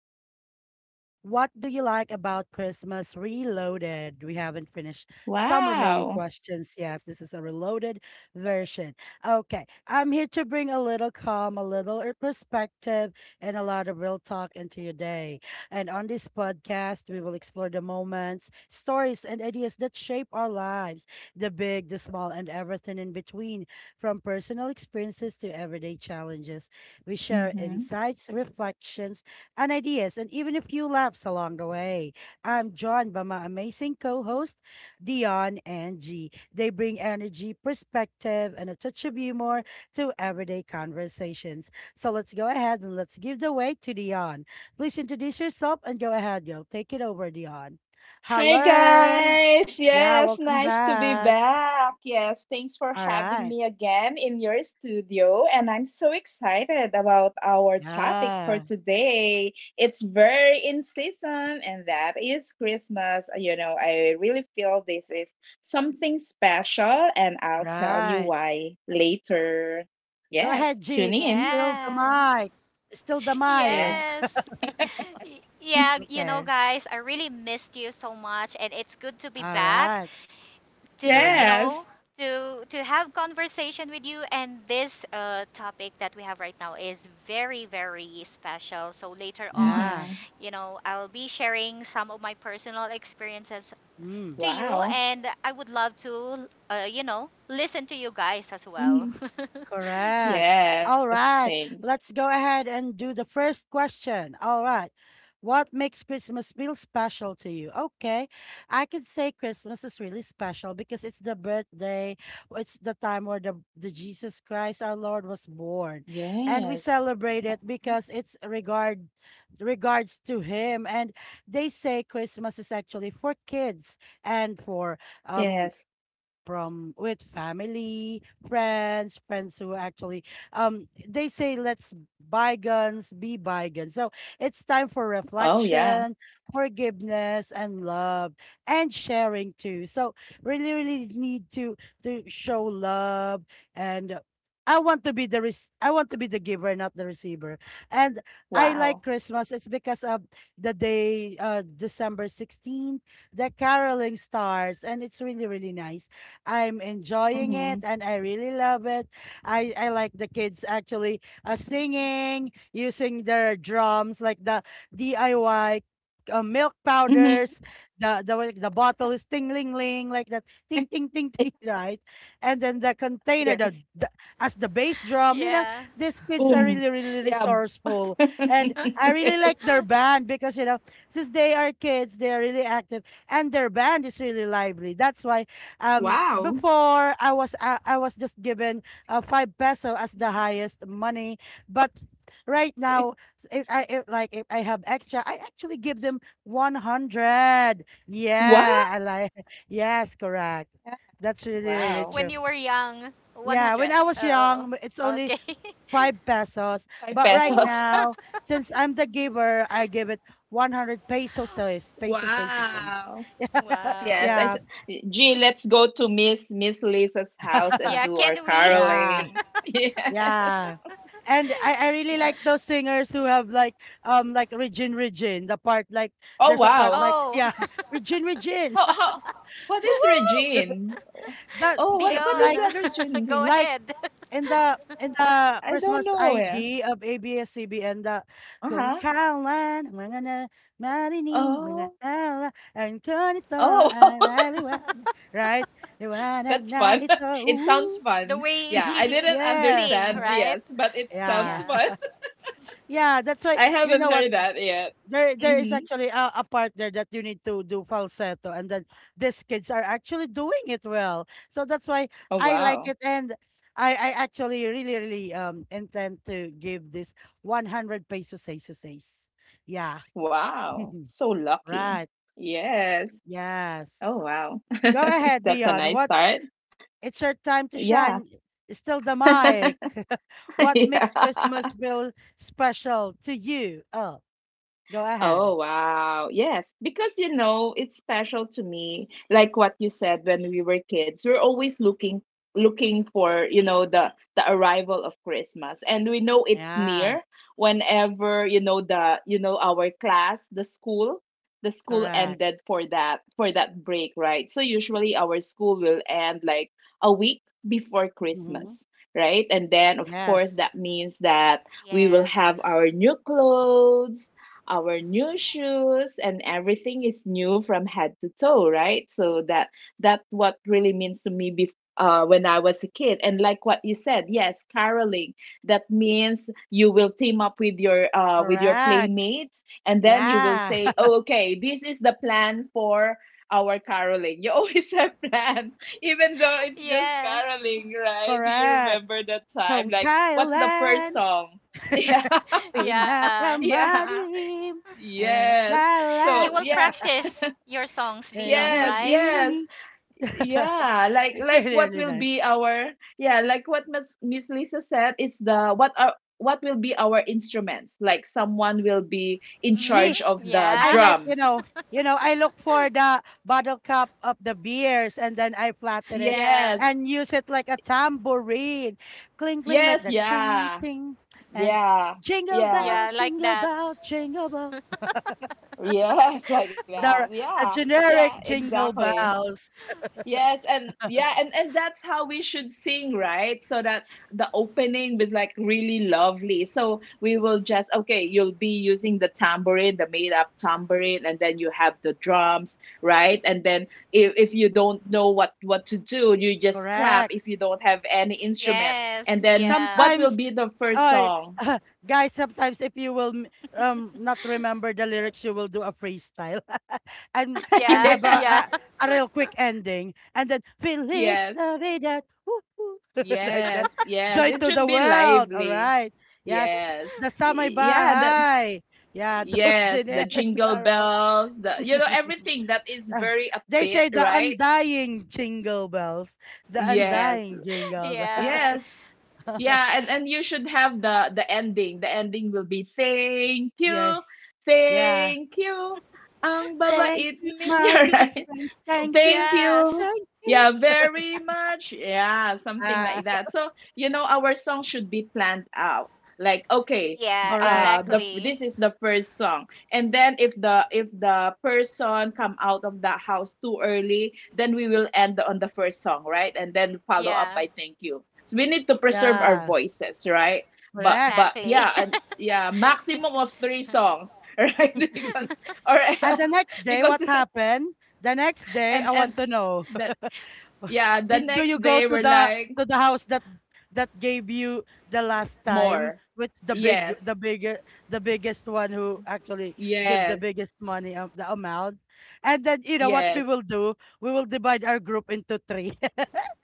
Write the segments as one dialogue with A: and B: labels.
A: topic is about what do you like about Christmas Reloaded? We haven't finished some
B: Wow.
A: remaining questions. Yes, this is a reloaded version. Okay, I'm here to bring a little calm, a little perspective, and a lot of real talk into your day. And on this podcast, we will explore the moments, stories, and ideas that shape our lives, the big, the small, and everything in between. From personal experiences to everyday challenges, we share
B: Mhm.
A: insights, reflections, and ideas, and even a few laughs along the way. I'm joined by my amazing co host, Dion and G. They bring energy, perspective, and a touch of humor to everyday conversations. So let's go ahead and let's give the way to Dion. Please introduce yourself and go ahead, girl. Take it over, Dion.
B: Hi
A: Hello.
B: guys.
A: Yeah,
B: Yes,
A: welcome
B: nice to be
A: back.
B: back. Yes, thanks for
A: All
B: having
A: right.
B: me again in your studio, and I'm so excited about our topic for
A: Yeah.
B: today. It's very in season, and that is Christmas. You know, I really feel this is something special, and I'll tell you
A: Right.
B: why later.
A: Go ahead,
B: Yes,
A: G.
B: tune in.
A: Still the
C: Yeah.
A: mic. Still the
B: Yeah.
A: mic.
C: Yes. Yeah, you know,
A: Okay.
C: guys, I really missed you so much, and it's good to be
A: All
C: back
A: right.
C: to, you
A: Mm-hmm.
B: Yes.
C: know, to have conversation with you. And this topic that we have right now is very, very special. So later on,
A: Yeah.
B: Mhm.
C: you know, I'll be sharing some of my personal experiences to
A: Mm.
C: you,
B: Wow.
C: and I would love to, you know, listen to you guys as well.
A: Correct.
B: Yes,
A: All right.
B: things.
A: Let's go ahead and do the first question. All right. What makes Christmas feel special to you? Okay. I could say Christmas is really special because it's the birthday, it's the time where the Jesus Christ our Lord was born. And we
B: Yes.
A: celebrate it
B: Mhm.
A: because it's regards to him. And they say Christmas is actually for kids and for um
B: Yes.
A: from with family, friends who actually they say let's bygones be bygones. So it's time for
B: Oh, yeah.
A: reflection, forgiveness and love and sharing too. So really really need to show love and I want to be the giver, not the receiver. And I like
B: Wow.
A: Christmas. It's because of the day, December 16th, the caroling starts, and it's really, really nice. I'm enjoying it
B: Mhm.
A: and I really love it. I like the kids actually singing, using their drums, like the DIY milk
B: Mhm.
A: powders. The way the bottle is ting ling ling like that, ting ting ting ting right, and then the container, the,
B: Yes.
A: the as the bass drum, you know,
C: Yeah.
A: these kids are
B: Boom.
A: really really
B: Yeah.
A: resourceful. And I really
B: Yes.
A: like their band because you know since they are kids they are really active and their band is really lively. That's why um,
B: Wow.
A: before I was I, I was just given five peso as the highest money, but right now if I if I have extra, I actually give them 100.
B: Wow.
A: Yeah, I like, yes, correct. That's really really
B: Wow.
C: When
A: true.
C: you were young,
A: Yeah, when
C: 100.
A: I was
C: Oh,
A: young, it's only
C: okay.
A: five pesos,
B: 5
A: but right
C: Oh,
B: pesos.
A: now since I'm the giver, I give it 100 pesos, pesos, pesos, pesos.
B: Wow. Yes, I
C: wow.
B: s-
A: Yeah,
B: gee, let's go to Miss Lisa's house and
C: Yeah,
B: do our
C: can
A: yeah,
C: we?
A: yeah.
B: caroling. Yeah.
A: Yeah. And I really
B: Yeah.
A: like those singers who have like Regine Regine, the part like
B: Oh,
A: there's a part
B: wow.
A: like,
C: Oh,
A: yeah, Regine Regine.
B: How what
A: Woo, woo,
B: is
A: woo.
B: Regine?
A: That
B: Oh, what
A: it
B: what
C: Dion,
B: is that Regine
C: go
B: thing?
A: like
C: ahead.
A: in the
B: I don't
A: Christmas
B: know. Yeah.
A: ID of ABS-CBN, the Kung
B: Uh-huh.
A: kailan mga na marinig mga
B: Oh.
A: ala ang ganito
B: Oh,
A: ang laliwanag, right, liwanag
B: that's
A: na
B: fun.
A: ito
B: It sounds
A: Ooh.
C: The
B: fun.
C: way
B: Yeah, I
C: she
B: didn't
A: yeah
C: sing,
B: understand.
C: right?
B: Yes, but it sounds
A: yeah
C: Yeah.
B: fun.
A: yeah. That's why,
B: I
A: you know
B: haven't
A: what,
B: heard that yet.
A: there is
B: Mhm.
A: actually a part there that you need to do falsetto and then these kids are actually doing it well. So that's why
B: Oh,
A: I like
B: wow.
A: it, and i actually really really intend to give this 100 pesos say so, yeah,
B: Wow. So lucky.
A: right,
B: Yes.
A: yes.
B: Oh, wow.
A: Go ahead
B: That's a
A: Dion,
B: nice
A: what,
B: start.
A: it's your time to
B: Yeah.
A: shine. It's still the mic what makes christmas
B: Yeah.
A: feel special to you? Oh, go ahead.
B: Oh, wow. Yes, because you know, it's special to me. Like what you said, when we were kids, we're always looking for, you know, the arrival of Christmas. And we know it's
A: Yeah,
B: near whenever, you know, the our class, the school
A: correct.
B: ended for that break, right? So usually our school will end like a week before Christmas,
A: Mhm.
B: right? And then of course
A: Yes.
B: that means that we will have our new clothes, our new shoes, and everything is new from head to toe, right? So that what really means to me when I was a kid, and like what you said, yes, caroling, that means you will team up with your
A: Correct.
B: playmates, and then you will
A: Yeah.
B: say, oh, okay, this is the plan for our caroling. You always have plan even though it's just
C: Yeah.
B: caroling, right? Do you
A: Correct.
B: remember that time,
A: Kung
B: like what's the first
A: kailan
B: song? yeah
C: Yeah.
B: yeah.
A: pinakamadilim ang mga
B: Yes.
C: You
A: tala
C: will
B: So yeah,
C: practice your songs, Dion,
A: ay
B: yes,
C: right?
B: yes.
A: nagniningning.
B: Yeah, like
A: It's
B: like
A: really,
B: what
A: really
B: will
A: nice.
B: be our, yeah, like what Miss Lisa said, it's the what are what will be our instruments? Like someone will be in
C: Mm-hmm.
A: Me,
B: charge of the
C: Yeah.
A: I like, you
B: drums.
A: know, I look for the bottle cap of the beers and then I flatten it
C: Yeah.
B: Yes.
A: and use it like a tambourine. Cling, cling like
B: Yes,
A: the ching,
B: yeah.
A: ching. And
B: Yeah.
A: jingle bell,
C: Yeah,
B: Yes.
C: like
A: jingle
C: that.
A: bell, jingle bell.
B: Yes, like that.
A: The
B: Yeah.
A: the
B: Yeah,
A: generic jingle
B: exactly.
A: bells.
B: Yes, and yeah, and that's how we should sing, right? So that the opening was like really lovely. So we will just, okay, you'll be using the tambourine, the made up tambourine, and then you have the drums, right? And then if you don't know what to do, you just clap
A: Correct.
B: if you don't have any instrument.
C: Yes.
B: And then
C: Yeah.
B: what will
A: Sometimes,
B: be the first
A: oh,
B: song?
A: guys, sometimes if you will not remember the lyrics, you will do a freestyle and and
C: Yeah.
A: have
B: Yes,
C: Yeah.
A: a real quick ending, and then Feliz
B: yes,
A: Navidad, woo, woo," like that.
B: yes, yes.
A: Joy
B: It
A: to
B: should
A: the
B: be
A: world. All
B: lively.
A: right. Yes,
B: Yes.
A: the Samay
B: Yeah, that.
A: Bahay. Yeah, those
B: Yes, the
A: generic
B: jingle
A: carols.
B: bells, the, you know, everything that is
A: Uh,
B: very
A: they
B: upbeat,
A: say the
B: right?
A: undying jingle bells, the
B: Yes,
A: undying jingle bells.
C: Yeah.
B: yes, yeah, and you should have the ending. The ending will be
A: yeah, yeah.
B: thank you, ang
A: Thank
B: babait
A: you, my
B: ninyo.
A: good friends. Thank
B: Thank
A: you,
B: you.
C: Yes.
A: thank you.
B: Yeah, very much. Yeah, something
A: Ah,
B: like that. So, you know, our song should be planned out. Like, okay,
C: Yeah,
A: correct.
B: this
C: exactly.
B: is the first song, and then if the person come out of the house too early, then we will end on the first song, right? And then follow up
C: Yeah.
B: by thank you. So we need to preserve our
A: Yeah,
B: voices, right? But
A: correct.
B: but
C: Exactly.
B: yeah, and yeah, maximum of three songs, right? Because or
A: And the
B: else,
A: next day, what
B: because
A: happened? The next day, I
B: and
A: want
B: and
A: to know.
B: that, yeah, the
A: Did do
B: next
A: you go
B: day
A: to
B: we're
A: the
B: like,
A: house that that gave you the last time
B: more.
A: with
B: Yes,
A: the bigger, the biggest one who actually give the
B: yes,
A: biggest money, the amount. And then you know what we
B: yes.
A: will do, we will divide our group into three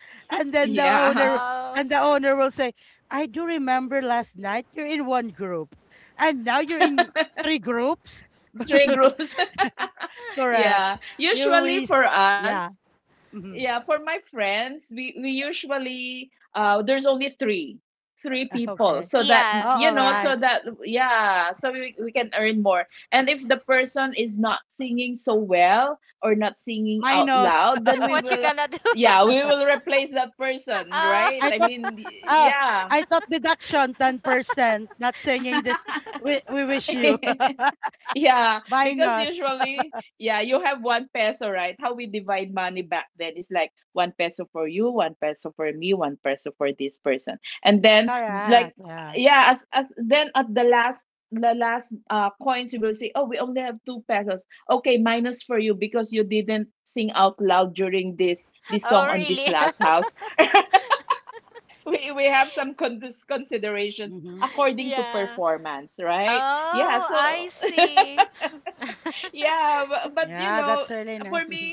A: and then the
B: Yeah,
A: owner,
C: Oh,
A: and the owner will say I do remember last night you're in one group and now you're in three groups.
B: three groups.
A: correct,
B: yeah,
A: you
B: usually
A: is,
B: for us,
A: yeah. Mhm.
B: yeah, for my friends, we usually there's only three people,
A: okay,
B: so that
C: yeah,
A: oh
B: you
A: all
B: know,
A: right.
B: so
C: yeah.
B: that yeah, so we can earn more. And if the person is not singing so well or not singing out
A: Minus.
B: loud, then we
C: What you
B: will,
C: gonna do?
B: yeah, we will replace that person,
C: Oh,
A: I
B: right? I
A: thought,
B: mean,
A: ah, I
B: yeah.
A: thought deduction 10%, not singing this, we wish you.
B: Yeah, because
A: Minus.
B: usually, yeah, you have one peso, right? How we divide money back then is like one peso for you, one peso for me, one peso for this person. And then,
A: Correct. Yeah.
B: yeah, as then at the last coins you will say, oh, we only have two pesos. Okay, minus for you because you didn't sing out loud during this
C: oh
B: song on this
C: really?
B: last house. We have some considerations
A: Mm-hmm.
B: according to
C: Yeah.
B: performance, right? Yes. Yeah,
C: Oh, I see.
B: yeah, but you
A: Yeah,
B: know,
A: that's really nice.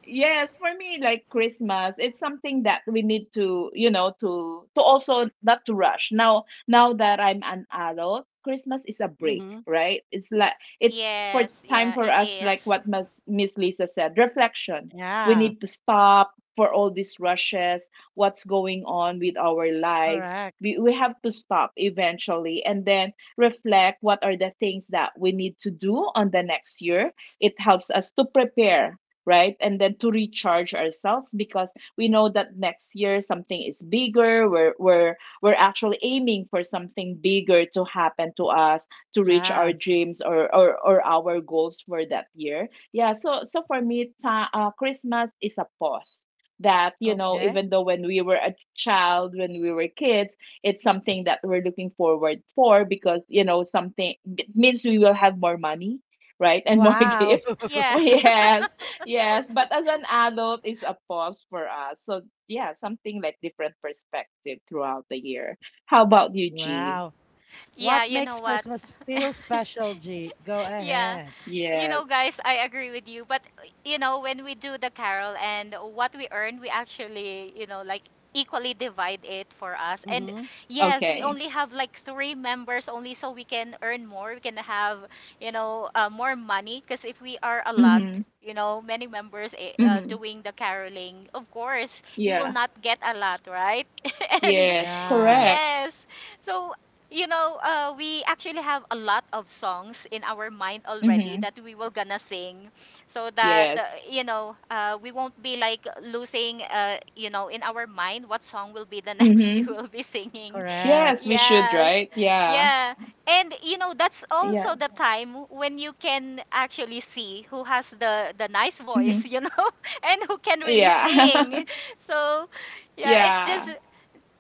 B: yes, for me, like Christmas, it's something that we need to, you know, to also not to rush. Now that I'm an adult, Christmas is a break,
A: Mm-hmm.
B: right? It's like it's for
C: Yes,
B: time
C: yeah,
B: for
C: it
B: us,
C: is.
B: like what Miss Lisa said, reflection. We
A: Yeah.
B: need to stop for all these rushes, what's going on with our lives.
A: Correct.
B: We have to stop eventually, and then reflect what are the things that we need to do on the next year. It helps us to prepare, right? And then to recharge ourselves because we know that next year something is bigger. We're actually aiming for something bigger to happen to us, to reach our
A: Yeah.
B: dreams, or or our goals for that year. Yeah. So for me, Christmas is a pause. That you know,
A: Okay.
B: even though when we were a child, when we were kids, it's something that we're looking forward for because you know something, it means we will have more money, right, and more
A: Wow.
B: gifts.
C: Yeah,
B: Yes, yes, but as an adult, it's a pause for us. So, yeah, something like different perspective throughout the year. How about you, G?
A: wow. What
C: yeah, you know
A: makes
C: what?
A: Christmas feel special, G? Go
C: Yeah.
A: ahead.
C: You
B: Yes.
C: know, guys, I agree with you. But you know, when we do the carol and what we earn, we actually, you know, like equally divide it for us. And
A: Mm-hmm.
B: Okay.
C: yes, we only have like three members only, so we can earn more. We can have, you know, more money because if we are a lot.
B: Mm-hmm.
C: You know, many members
B: Mm-hmm.
C: doing the caroling. Of course, you will
B: Yeah.
C: not get a lot, right? And
B: Yes.
A: Yeah.
B: Correct.
C: yes. So, you know, we actually have a lot of songs in our mind already
B: Mm-hmm.
C: that we were gonna sing so that,
B: Yes.
C: you know, we won't be like losing, you know, in our mind what song will be the next we
B: Mm-hmm.
C: will be singing.
A: Correct.
B: Yes, we should,
C: Yes.
B: right? Yeah.
C: Yeah. And you know, that's
B: Yeah.
C: also the time when you can actually see who has the nice voice,
B: Mm-hmm.
C: you know, and who can really
B: Yeah.
C: sing. So, yeah, it's just
B: yeah.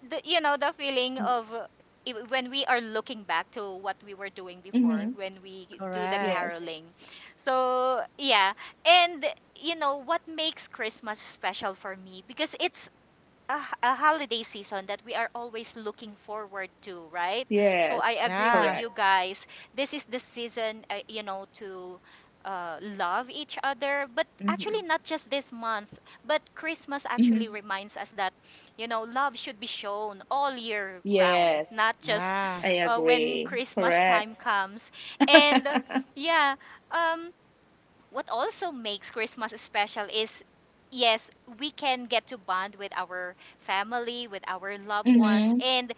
C: the you know the feeling of when we are looking back to what we were doing before
B: Mm-hmm.
C: when we do the
A: Correct.
B: Yes.
C: caroling, so yeah. And you know what makes Christmas special for me because it's a, a holiday season that we are always looking forward to, right? So
B: Yes.
C: I agree
A: Yeah.
C: with you
B: Correct.
C: guys. This is the season, you know, to love each other. But actually,
B: Mm-hmm.
C: not just this month, but Christmas actually
B: Mm-hmm.
C: reminds us that, you know, love should be shown all year round,
B: Yes.
C: not just
A: Yeah.
B: I
C: when
B: agree.
C: Christmas
B: Correct.
C: time comes. And yeah, um, what also makes Christmas special is yes, we can get to bond with our family, with our loved ones.
B: Mm-hmm.
C: And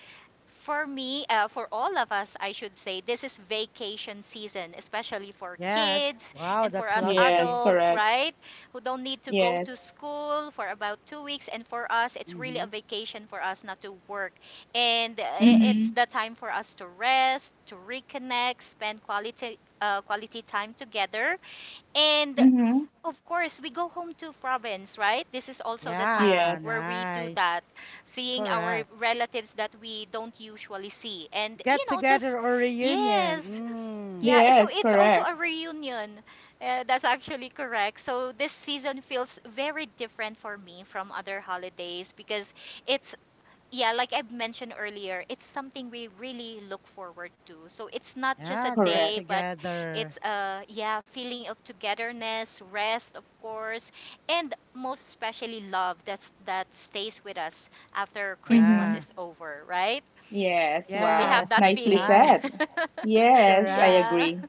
C: for me, for all of us, I should say, this is vacation season, especially for
A: Yes.
C: kids
A: Wow,
C: and for
A: that's
C: us
B: Yes,
A: lovely.
C: adults,
B: correct.
C: right? Who don't need to go to
B: Yes.
C: school for about 2 weeks. And for us, it's really a
A: Mm-hmm.
C: vacation for us not to work. And it's
B: Mhm.
C: the time for us to rest, to reconnect, spend quality, quality time together. And
B: Mhm.
C: of course, we go home to province, right? This is also the time
A: Yeah,
B: Yes.
C: where we do that,
A: nice.
C: seeing our
A: Correct.
C: relatives that we don't usually see. And, you
A: Get
C: know, just,
A: together or reunion.
C: yes,
A: Mm.
C: yeah. So
B: Yes,
C: it's also
B: correct.
C: a reunion. That's actually correct. So this season feels very different for me from other holidays because it's yeah, like I've mentioned earlier, it's something we really look forward to. So it's not just a
A: Yeah, the get
B: Correct.
C: day, but it's
A: together.
C: a yeah, feeling of togetherness, rest, of course, and most especially love that's that stays with us after Christmas
A: Yeah.
B: Mhm.
C: is over, right?
B: Yes,
C: So we have
B: wow.
A: Yes,
C: that
A: that's
B: Nicely
C: feeling.
A: nice.
B: said. Yes, I
A: Correct.
C: Yeah.
B: agree.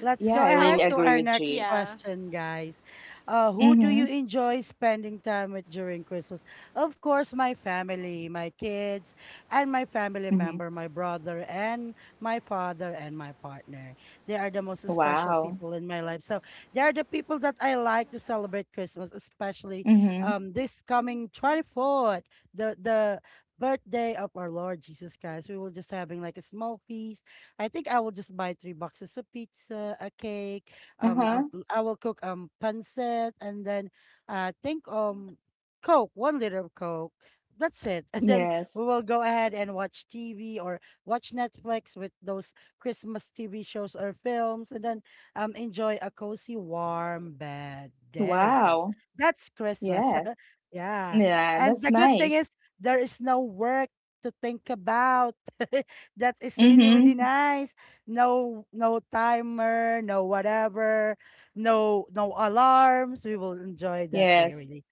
A: Let's
B: Yeah,
A: go
B: I
C: So
A: ahead
B: really
A: to
B: agree
A: our
B: with
A: next
B: G.
C: yeah.
A: question, guys. Who do you
B: Mhm.
A: enjoy spending time with during Christmas? Of course, my family, my kids, and my family
B: Mhm.
A: member, my brother, and my father, and my partner. They are the most special
B: Wow.
A: people in my life. So they are the people that I like to celebrate Christmas, especially
B: Mhm.
A: this coming 24th, the birthday of our Lord Jesus Christ. We will just having like a small feast. I think I will just buy three boxes of pizza, a cake. Um,
B: Uh-huh.
A: um I will cook pancit, and then I think Coke, 1 liter of Coke. That's it. And then
B: Yes.
A: we will go ahead and watch TV or watch Netflix with those Christmas TV shows or films, and then enjoy a cozy, warm bed. There you go.
B: Wow.
A: That's Christmas.
B: Yes.
A: yeah.
B: Yeah,
A: And
B: that's
A: the good thing
B: nice.
A: is there is no work to think about. That is really, really
B: Mhm.
A: nice. No, no timer, no whatever, no, no alarms. We will enjoy that day
B: Yes.
A: really.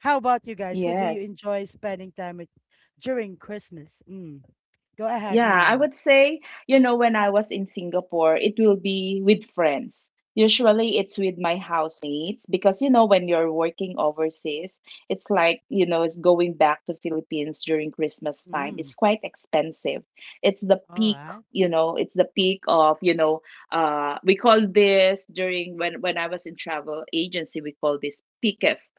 A: How about you guys? Who do you
B: Yes.
A: enjoy spending time with during Christmas? Mm. Go ahead,
B: Yeah, I
A: Dion.
B: would say, you know, when I was in Singapore, it will be with friends. Usually it's with my housemates because, you know, when you're working overseas, it's like, you know, it's going back to Philippines during Christmas time.
A: Mm.
B: It's quite expensive. It's the
A: All
B: peak,
A: right.
B: you know, it's the peak of, you know, we call this during when I was in travel agency, we call this peakest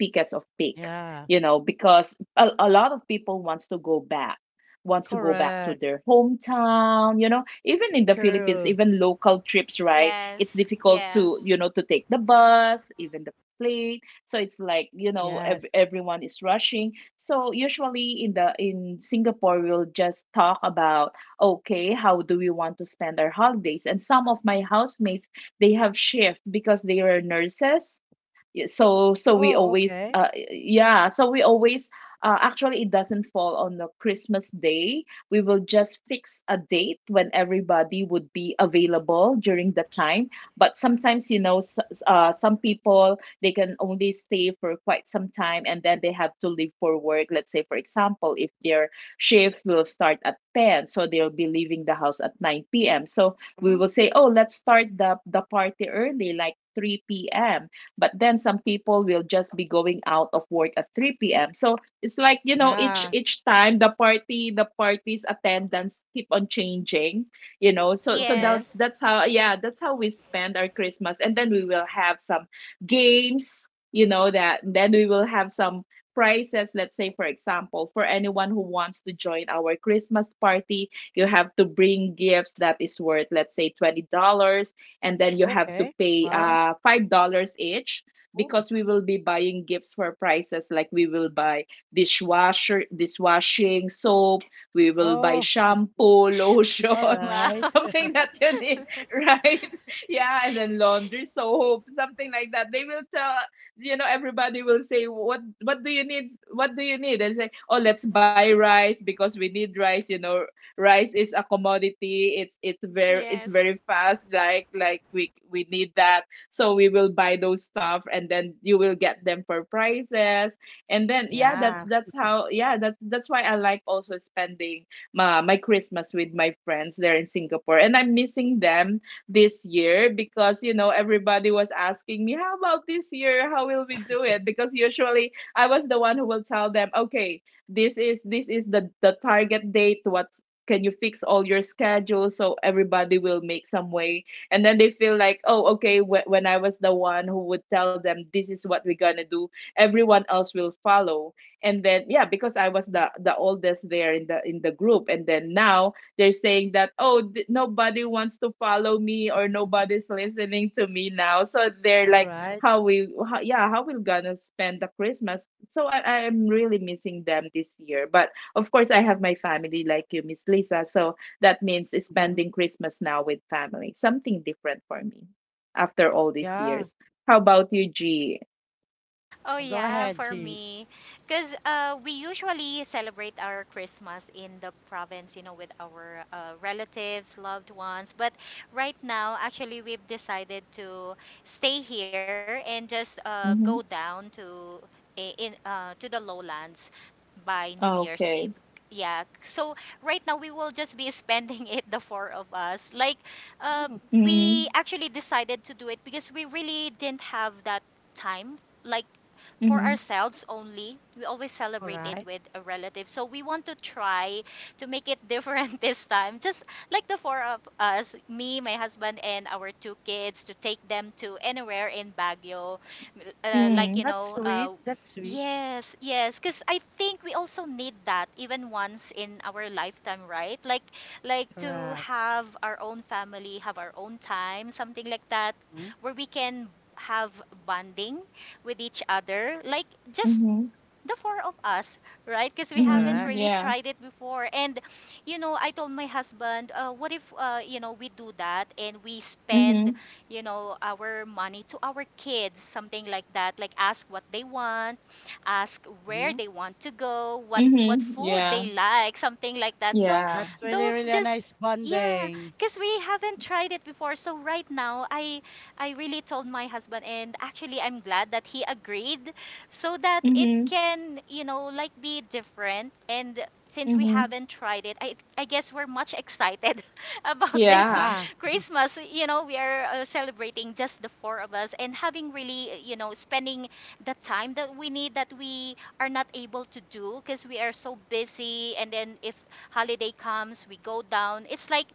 B: because of peak,
A: Yeah.
B: you know, because a lot of people wants to go back, to
A: Correct.
B: their hometown, you know, even in the philippines,
A: True.
B: even local trips, right?
C: Yes.
B: It's difficult
C: Yeah.
B: to, you know, to take the bus, even the plane. So it's like, you know,
A: Yes.
B: everyone is rushing. So usually in singapore, we'll just talk about, okay, how do we want to spend our holidays, and some of my housemates, they have shift because they are nurses. So we
A: Oh,
B: always,
A: okay.
B: yeah, so we always, actually it doesn't fall on the christmas day. We will just fix a date when everybody would be available during that time. But sometimes, you know, some people, they can only stay for quite some time, and then they have to leave for work. Let's say for example, if their shift will start at 10, so they'll be leaving the house at 9 p.m., so we
A: Mm.
B: will say, oh, let's start the party early, like 3 p.m. But then some people will just be going out of work at 3 p.m. So it's like, you know, each
A: Yeah.
B: each time the party's attendance keep on changing, you know. So that
A: Okay.
C: Yes.
B: that's how, yeah, that's how we spend our Christmas, and then we will have some games, that then we will have some prizes. Let's say, for example, for anyone who wants to join our Christmas party, you have to bring gifts that is worth, let's say, $20, and then you have to
A: Okay.
B: pay
A: Wow.
B: $5 each,
A: Oh.
B: because we will be buying gifts for prices. Like, we will buy dishwasher dishwashing soap, we will buy
A: Oh,
B: shampoo, lotion,
A: all right.
C: Wow.
B: something that you need, right? Yeah. And then laundry soap, something like that. They will tell, everybody will say, what do you need, what do you need, and say, oh, let's buy rice because we need rice. Rice is a commodity. it's it's very it's
C: Yes.
B: very fast, like we need that. So we will buy those stuff, and then you will get them for prices. And then yeah, that
A: Yeah.
B: that's how, yeah, that's why I like also spending my Christmas with my friends there in Singapore. And I'm missing them this year because, everybody was asking me, how about this year, how will we do it? Because usually I was the one who will tell them, okay, this is the target date. What, can you fix all your schedule, so everybody will make some way? And then they feel like, oh, okay, when I was the one who
A: Mm-hmm.
B: would tell them, this is what we're gonna do, everyone else will follow. And then yeah, because I was the oldest there in the group. And then now they're saying that, oh, nobody wants to follow me, or nobody's listening to me now, so they're
A: All
B: like,
A: right.
B: yeah, how we gonna spend the Christmas. So I'm really missing them this year, but of course, I have my family like you, Miss Lisa. So that means
A: Mhm.
B: spending Christmas now with family, something different for me after all these
A: Yeah.
B: years. How about you, G?
C: Oh
A: Go
C: yeah,
A: ahead,
C: for
A: G.
C: me, because we usually celebrate our Christmas in the province, you know, with our relatives, loved ones. But right now, actually, we've decided to stay here and just go
B: Mm-hmm.
C: down to I- in to the lowlands by New Year's Eve.
B: Okay.
C: Yeah. So right now we will just be spending it, the four of us. Like, uh,
A: Mm,
C: we
B: Mm-hmm.
C: actually decided to do it because we really didn't have that time. Like for
B: Mm-hmm.
C: ourselves only. We always
A: all
C: celebrate it
A: right.
C: with a relative. So we want to try to make it different this time. Just like the four of us, me, my husband, and our two kids, to take them to anywhere in Baguio. Like,
B: Mm-hmm.
C: you know,
A: That's sweet. That's sweet.
C: yes, yes, because I think we also need that even once in our lifetime, right? Like to
A: Correct.
C: have our own family, have our own time, something like that,
A: Mm,
C: where we can have bonding with each other like just
B: Mm-hmm.
C: the four of us, right? Because we haven't
B: Mm-hmm.
A: correct.
C: really
B: Yeah.
C: tried it before. And, you know, I told my husband, what if, you know, we do that and we
B: Mm-hmm.
C: spend, you know, our money to our kids, something like that. Like ask what they want, ask where
A: Mm.
C: they want to go, what
B: Mm-hmm.
C: food
B: Yeah.
C: they like, something like that. So
B: Yeah.
A: That's really,
C: those
A: really a
C: just
A: nice
C: yeah,
A: bonding.
C: because we haven't tried it before. So right now, I really told my husband, and actually, I'm glad that he agreed so that it
B: Mm-hmm.
C: can, you know, like be different. And since we
B: Mm-hmm.
C: haven't tried it, I guess we're much excited about this
B: Yeah.
A: Yeah.
C: Christmas. You know, we are celebrating just the four of us and having really, you know, spending the time that we need that we are not able to do because we are so busy. And then if holiday comes, we go down. It's like,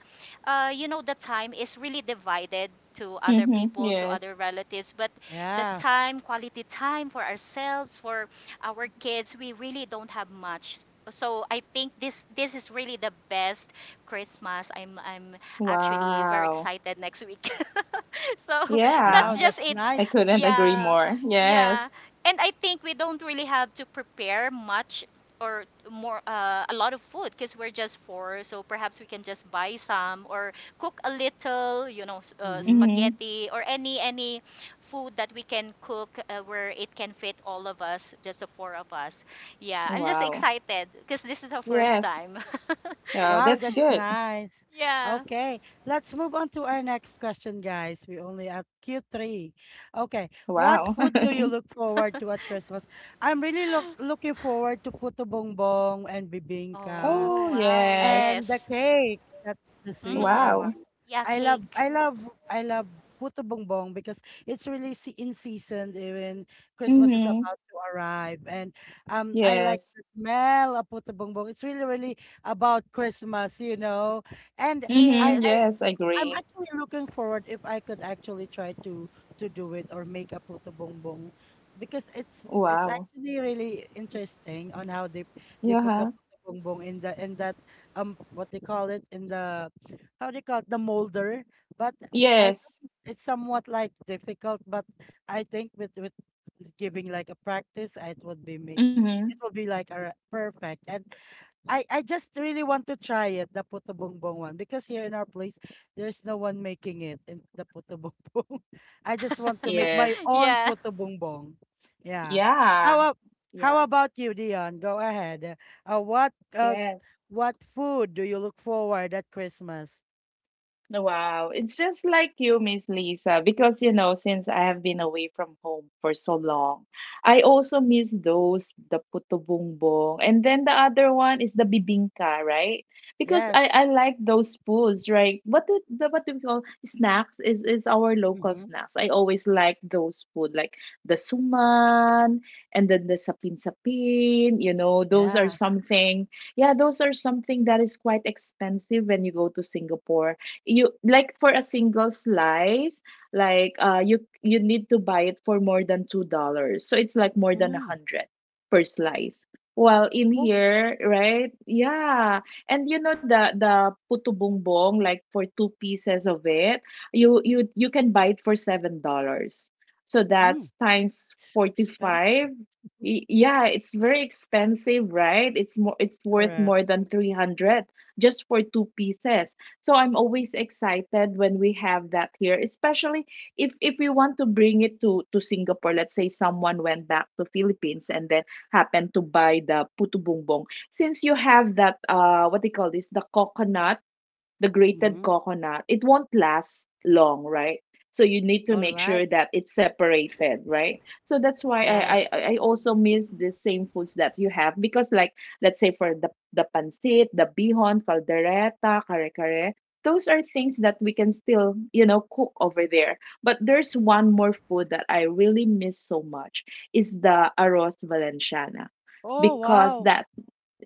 C: you know, the time is really divided to other
B: Mm-hmm.
C: people, to other
B: Yes.
C: relatives. But the
A: Yeah.
C: time, quality time for ourselves, for our kids, we really don't have much. So I think this is really the best Christmas. I'm actually very
B: Wow.
C: excited next week. So
B: Yeah.
C: that's
A: Yeah. That's
C: just it.
B: I
A: nice.
B: couldn't agree
C: Yeah.
B: more. Yes.
C: Yeah. And I think we don't really have to prepare much or more a lot of food because we're just four, so perhaps we can just buy some or cook a little, you know,
A: Mm-hmm.
B: Mm-hmm.
C: spaghetti or any food that we can cook where it can fit all of us, just the four of us. Yeah, I'm just
B: Wow.
C: excited because this is the first
B: Yes.
C: time.
B: Yeah,
A: Wow,
B: that's
A: that's
B: good.
A: nice.
C: Yeah.
A: Okay, let's move on to our next question, guys. We only at Q3. Okay, what
B: Wow.
A: food do you look forward to at Christmas? I'm really looking forward to puto bongbong and bibingka
C: Oh,
B: Oh,
C: wow.
B: yes.
C: Yes.
A: and the cake. That's the sweets.
C: Mm-hmm.
A: Oh my.
B: Wow.
C: Yeah,
A: I love
C: cake.
A: I love I love puto bongbong because it's really se in season eh, when Christmas is
B: Mm-hmm.
A: about to arrive, and I like
B: Yes.
A: the smell of puto bongbong. It's really really about Christmas, you know. And I
B: Mm-hmm.
C: Yes.
A: I
B: Yes,
A: I'm
B: agree.
A: actually looking forward if I could actually try to do it or make a puto bongbong because it's
B: Wow.
A: actually really interesting on how they put the
B: Yeah.
A: puto bongbong in the in that what they call it, in the how they call it, the molder. But I
B: Yes.
A: think it's somewhat like difficult, but I think with giving like a practice it would be make
B: Mm-hmm.
A: it will be like a perfect. And I just really want to try it, the puto bongbong one, because here in our place there's no one making it in the puto bongbong. I just want to make
B: Yes.
A: my own
C: Yeah.
A: puto bongbong. Yeah.
B: Yeah.
A: How ab- how
B: Yeah.
A: about you, Dion? Go ahead. Uh, what uh
B: Yes.
A: what food do you look forward at Christmas?
B: Wow, it's just like you, Miss Lisa, because, since I have been away from home for so long, I also miss those the puto bumbong, and then the other one is the bibingka, right? Because I
A: Yes.
B: I like those foods, right? What do we call snacks is our local
A: Mm-hmm.
B: snacks. I always like those food, like the suman and then the sapin sapin. You know, those are
A: Yeah.
B: something. Yeah, those are something that is quite expensive when you go to Singapore. You, like, for a single slice, like, you need to buy it for more than $2, so it's like more than a
A: Mm.
B: hundred per slice, while in
A: Oh,
B: here, right? Yeah. And the puto bongbong, like, for two pieces of it, you can buy it for $7. So
A: mm.
B: that's times 45.
A: Expensive.
B: Yeah, it's very expensive, right? It's more, it's worth
A: Correct.
B: more than 300 just for two pieces. So I'm always excited when we have that here, especially if we want to bring it to Singapore. Let's say someone went back to Philippines and then happened to buy the putu bumbong. Since you have that, what they call this, the grated
A: Mm-hmm.
B: coconut, it won't last long, right? So you need to
A: All
B: make
A: right.
B: sure that it's separated, right? So that's why I I,
A: Correct.
C: Yes.
B: I also miss the same foods that you have, because, like, let's say for the pancit, the bihon, caldereta, kare kare, those are things that we can still, cook over there. But there's one more food that I really miss so much is the arroz valenciana,
A: Oh,
B: because
A: wow.
B: that.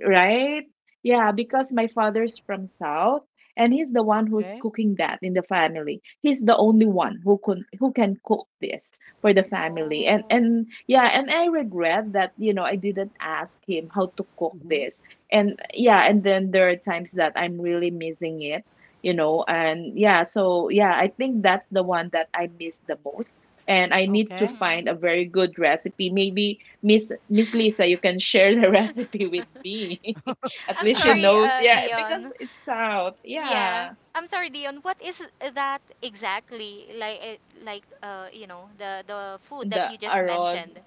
B: Right? Yeah, because my father's from South, and he's the one who's
A: Okay.
B: cooking that in the family. He's the only one who can cook this for the family. And
C: Oh.
B: and yeah, and I regret that, I didn't ask him how to cook
A: Mm-hmm.
B: this. And yeah, and then there are times that I'm really missing it, and yeah, so yeah, I think that's the one that I miss the most. And I need to
A: Okay.
C: Mm-hmm.
B: find a very good recipe. Maybe Miss Lisa, you can share the recipe with me. At
C: I'm
B: least she
A: R
C: sorry,
B: knows. Yeah, because
C: Dion.
B: it's south.
C: Yeah,
B: Yeah.
C: I'm sorry, Dion. What is that exactly? Like, like, you know, the food that
B: The
C: you just
B: arroz,
C: mentioned,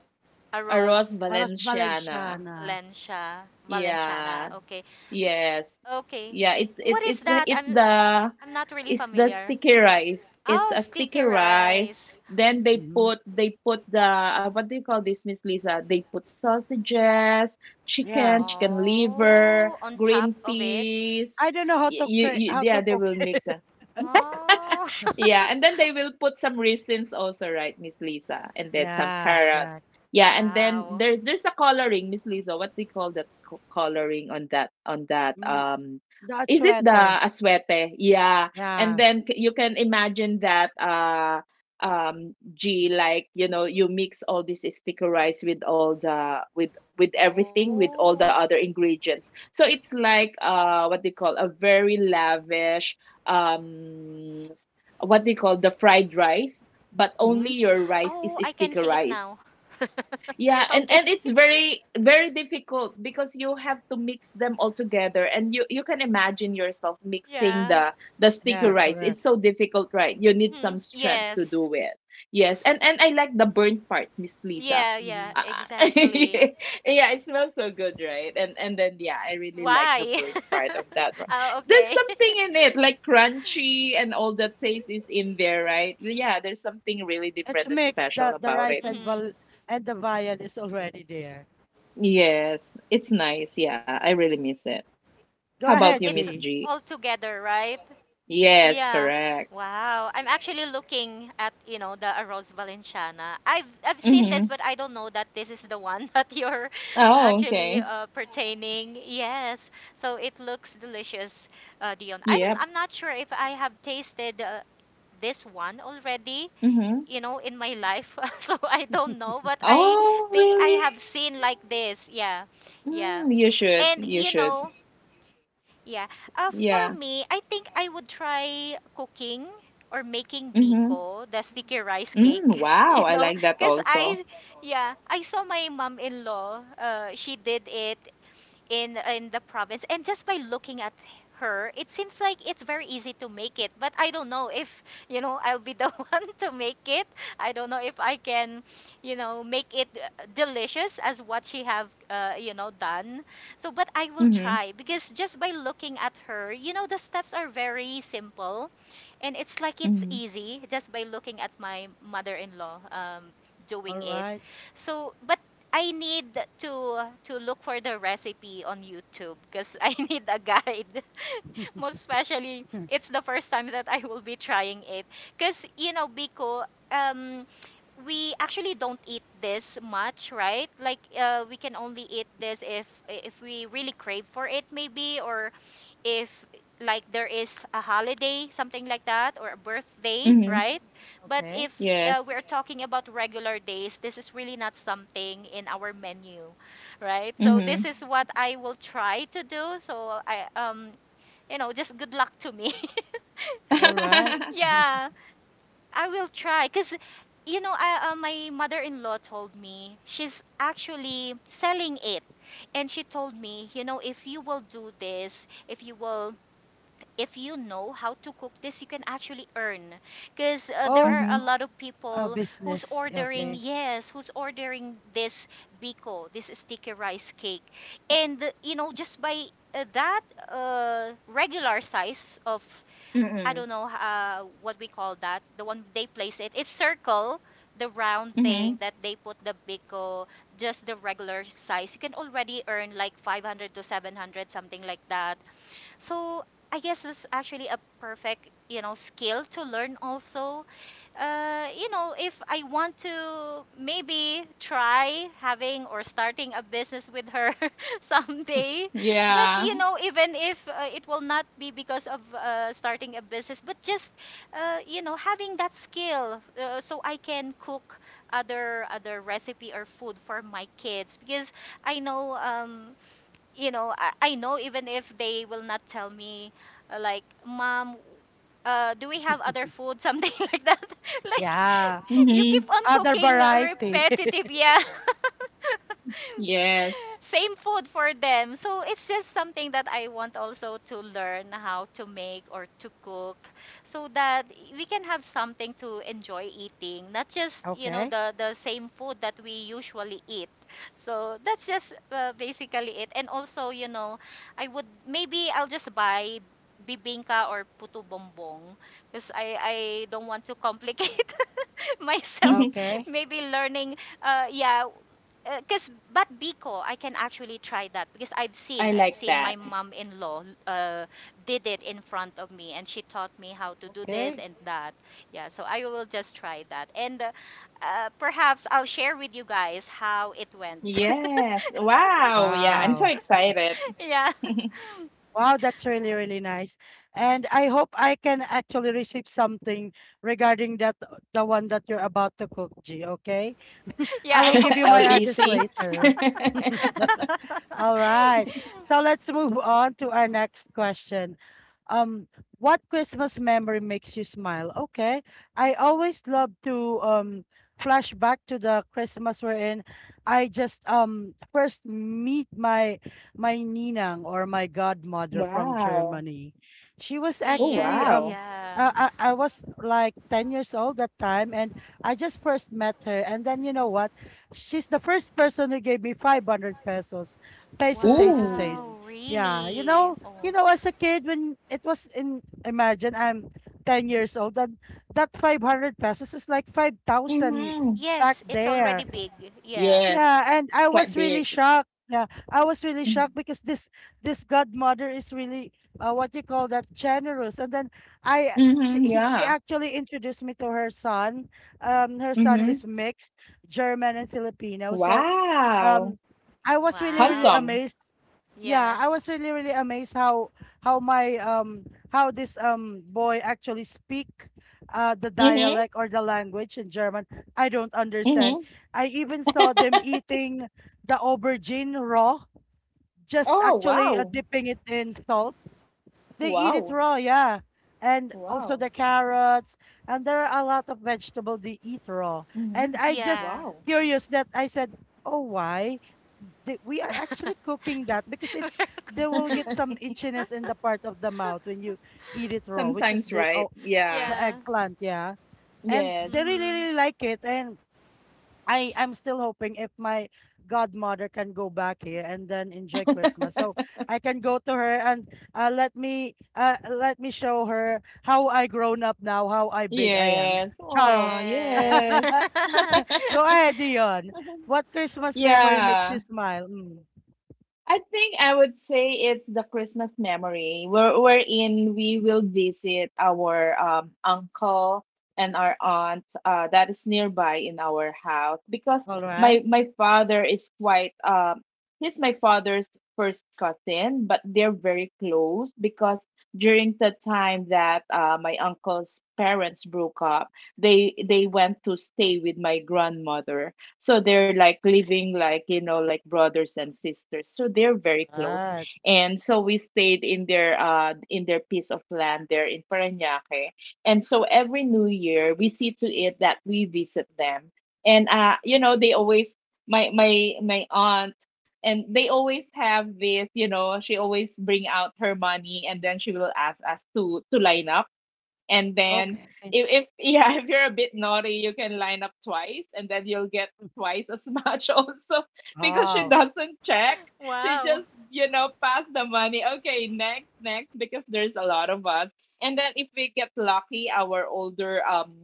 B: arroz
C: arroz
A: Oras
B: valenciana.
A: Valenciana.
C: Valencia, Valenciana.
B: Yeah,
C: Okay,
B: yes.
C: okay.
B: Yeah, it's
C: What
B: it
C: is that? I'm I'm not really
B: it's the
C: familiar.
B: sticky rice. It's
C: Oh,
B: a sticky
C: sticky
B: rice.
C: rice.
B: Then they
A: Mhm.
B: put they put the, what do you call this, Miss Lisa? They put sausages, chicken,
A: Yes.
B: chicken liver,
C: Oh, on
B: green
C: top of it.
A: I
B: peas.
A: don't know how to cre how
B: Yeah,
A: to
B: they
A: cook
B: will
A: it.
B: mix.
C: Oh,
B: Yeah, and then they will put some raisins also, right, Miss Lisa? And then some
A: Yeah,
B: carrots.
A: correct.
B: Yeah, and then
C: wow.
B: there's a coloring, Miss Lisa. What do you call that coloring on that,
A: Mm, the
B: is it the
A: atsuete.
B: aswete? Yeah. And
A: Yeah.
B: then, you can imagine that, G, like, you know, you mix all this sticker rice with all the, with everything, with all
C: Oh,
B: the other ingredients. So it's like, what they call, a very lavish, um what they call, the fried rice, but only
A: Mhm.
B: your rice
C: oh,
B: is
C: I can see
B: sticky
C: it now.
B: rice. Yeah,
C: Okay.
B: and it's very very difficult, because you have to mix them all together, and you can imagine yourself
C: Yeah.
B: mixing the sticky
A: Yeah,
B: rice.
A: correct.
B: It's so difficult, right? You need
C: Mm,
B: some strength to
C: yes.
B: do it. Yes, and I like the
C: Yeah,
B: burnt
C: yeah,
B: part, Miss Lisa.
C: exactly.
A: Mhm.
B: Ah, yeah, it smells so good, right? And then yeah,
C: Why?
B: I really like the burnt
C: Oh,
B: part of
C: okay.
B: that one. There's something in it, like, crunchy, and all the taste is in there, right? Yeah, there's something really
A: It's
B: different and
A: mixed.
B: special
A: The
C: Mhm.
B: about
A: rice
B: it.
A: and val and the viand is already there.
B: Yes, it's nice. Yeah, I really miss it.
C: So
B: How
C: it's
A: Go
B: about you,
A: ahead,
B: Miss
C: all
A: G.
B: G?
C: together, right? Yeah.
B: Yes, correct.
C: Wow. I'm actually looking at, you know, the Arroz Valenciana. I've seen this, but I
B: Mm-hmm.
C: don't know that this is the one that you're
B: Oh,
C: actually
B: okay.
C: pertaining. Yes. So it looks delicious, Dion. I don't,
B: Yep.
C: I'm not sure if I have tasted this one already.
B: Mm-hmm.
C: You know, in my life. So I don't know, but I
B: Oh,
C: think I
B: really?
C: have seen like this. Yeah. Yeah.
B: Mm, you should.
C: And
B: You
C: you
B: should.
C: know, yeah. For
B: Yeah.
C: me, I think I would try cooking or making
B: Mm-hmm.
C: biko, the sticky rice
B: Mm,
C: cake, you
B: wow, I
C: know,
B: like that
C: because
B: also.
C: I yeah, I saw my mom-in-law. She did it in the province and just by looking at her it seems like it's very easy to make it, but I don't know if you know I'll be the one to make it. I don't know if I can, you know, make it delicious as what she have you know done. So but I will
B: Mm-hmm.
C: try because just by looking at her you know the steps are very simple and it's like it's
B: Mm-hmm.
C: easy just by looking at my mother-in-law
A: All
C: doing it.
A: right.
C: So but I need to look for the recipe on YouTube because I need a guide. Most especially, it's the first time that I will be trying it. Because you know, biko, um, we actually don't eat this much, right? Like, we can only eat this if we really crave for it, maybe, or if like there is a holiday, something like that, or a birthday,
B: Mm-hmm.
C: right? But if
A: Okay.
B: Yes.
C: we're talking about regular days, this is really not something in our menu, right? So
B: Mm-hmm.
C: this is what I will try to do. So I you know just good luck to me.
A: All right.
C: Yeah, I will try because. You know, my mother-in-law told me she's actually selling it, and she told me, you know, if you will do this, if you will if you know how to cook this, you can actually earn. Because there
A: Oh,
C: are
B: Mm-hmm.
C: a lot of
A: a
C: people who's
A: business.
C: ordering,
A: Okay.
C: yes, who's ordering this biko, this sticky rice cake. Just by that regular size of, I
B: Mm-hmm.
C: don't know what we call that, the one they place it, it's circle. The round thing
B: Mm-hmm.
C: that they put the biko, just the regular size, you can already earn like 500 to 700, something like that. So I guess it's actually a perfect, skill to learn also. If I want to maybe try having or starting a business with her someday, but
B: Yeah.
C: even if it will not be because of starting a business, but just having that skill so I can cook other recipe or food for my kids because I know I know even if they will not tell me, like, Mom, do we have other food? Something like that. Like,
A: Yeah.
C: you keep
B: Mm-hmm.
C: on
A: Other
C: cooking
A: variety.
C: repetitive, yeah,
B: Yes.
C: same food for them. So it's just something that I want also to learn how to make or to cook, so that we can have something to enjoy eating, not just,
A: Okay.
C: the same food that we usually eat. So that's just basically it. And also, you know, I would maybe I'll just buy bibingka or putu bombong because I don't want to complicate myself
A: Okay.
C: maybe learning uh, yeah because but Biko, I can actually try that because I've
B: I
C: seen I've
B: like
C: seen
B: that.
C: my mom-in-law did it in front of me and she taught me how to do this
A: Okay.
C: and that. Yeah, so I will just try that and perhaps I'll share with you guys how it went.
B: Yes. Wow. Yeah, I'm so
A: Wow.
B: excited.
C: Yeah,
A: Wow, that's really, really nice. And I hope I can actually receive something regarding that, the one that you're about to cook, G, okay?
C: yeah,
A: I
C: I
A: will give
C: hope.
A: you my address
B: LBC.
A: later. All right. So let's move on to our next question. Um, what Christmas memory makes you smile? Okay. I always love to flash back to the Christmas wherein I just first meet my ninang or my godmother from
B: Wow.
A: Germany. She was
B: Oh,
C: Yeah,
A: actually
B: wow.
C: yeah.
A: I was like 10 years old that time and I just first met her, and then you know what, she's the first person who gave me 500 pesos. Peso seis to
C: Wow,
A: seis.
B: Ooh.
A: Yeah,
C: really?
A: you
C: Oh,
A: know, as a kid when it was in, imagine I'm 10 years old and that 500 pesos is like 5,000
B: Mm-hmm.
A: back
C: yes, it's
A: there.
C: already big. Yeah.
B: Yes,
A: Yeah, and I
B: quite
A: was really
B: big.
A: shocked. Yeah, I was really shocked because this godmother is really what you call that, generous. And then I she
B: Mm-hmm.
A: he, she
B: Yeah.
A: actually introduced me to her son. Her son
B: Mm-hmm.
A: is mixed German and Filipino. So,
B: Wow.
A: um, I was really really
C: Wow.
B: Handsome.
A: amazed. Yeah,
C: Yeah.
A: I was really really amazed how my how this boy actually speak the
B: Mm-hmm.
A: dialect or the language in German. I don't understand.
B: Mm-hmm.
A: I even saw them eating the aubergine raw, just
B: Oh,
A: actually
B: wow.
A: dipping it in salt. They eat it
B: Wow.
A: raw, yeah. And
B: Wow.
A: also the carrots, and there are a lot of vegetable they eat raw. And
B: Mm-hmm.
A: I just
C: Yeah.
B: Wow.
A: curious that I said, "Oh, why? We are actually cooking that because it's they will get some itchiness in the part of the mouth when you eat it raw, which is
B: Sometimes,
A: the
B: right?
A: oh, the
B: Yeah.
C: Yeah.
A: eggplant, yeah." And
B: Yes.
A: they really
C: Mhm.
A: really like it, and I'm still hoping if my godmother can go back here and then enjoy Christmas, so I can go to her and let me show her how I grown up now, how I big I am.
B: Yes. Oh,
A: Charles,
C: Yes.
B: yes.
A: go ahead, Dion. What Christmas memory makes
B: Yeah.
A: you smile? Mm.
B: I think I would say it's the Christmas memory wherein we will visit our, uncle, and our aunt, that is nearby in our house. Because
A: All right,
B: my father is quite he's my father's first cousin, but they're very close. Because during the time that, my uncle's parents broke up, they went to stay with my grandmother. So they're like living, like brothers and sisters, so they're
A: all
B: very close.
A: right,
B: And so we stayed in their, in their piece of land there in Parañaque. And so every new year, we see to it that we visit them. And, they always, my aunt, and they always have this, she always bring out her money, and then she will ask us to line up. And then
A: okay.
B: if, yeah, if you're a bit naughty, you can line up twice, and then you'll get twice as much also, because she
A: Oh,
B: doesn't check. She just,
C: Wow.
B: pass the money. Okay, next, next, because there's a lot of us. And then if we get lucky, our older,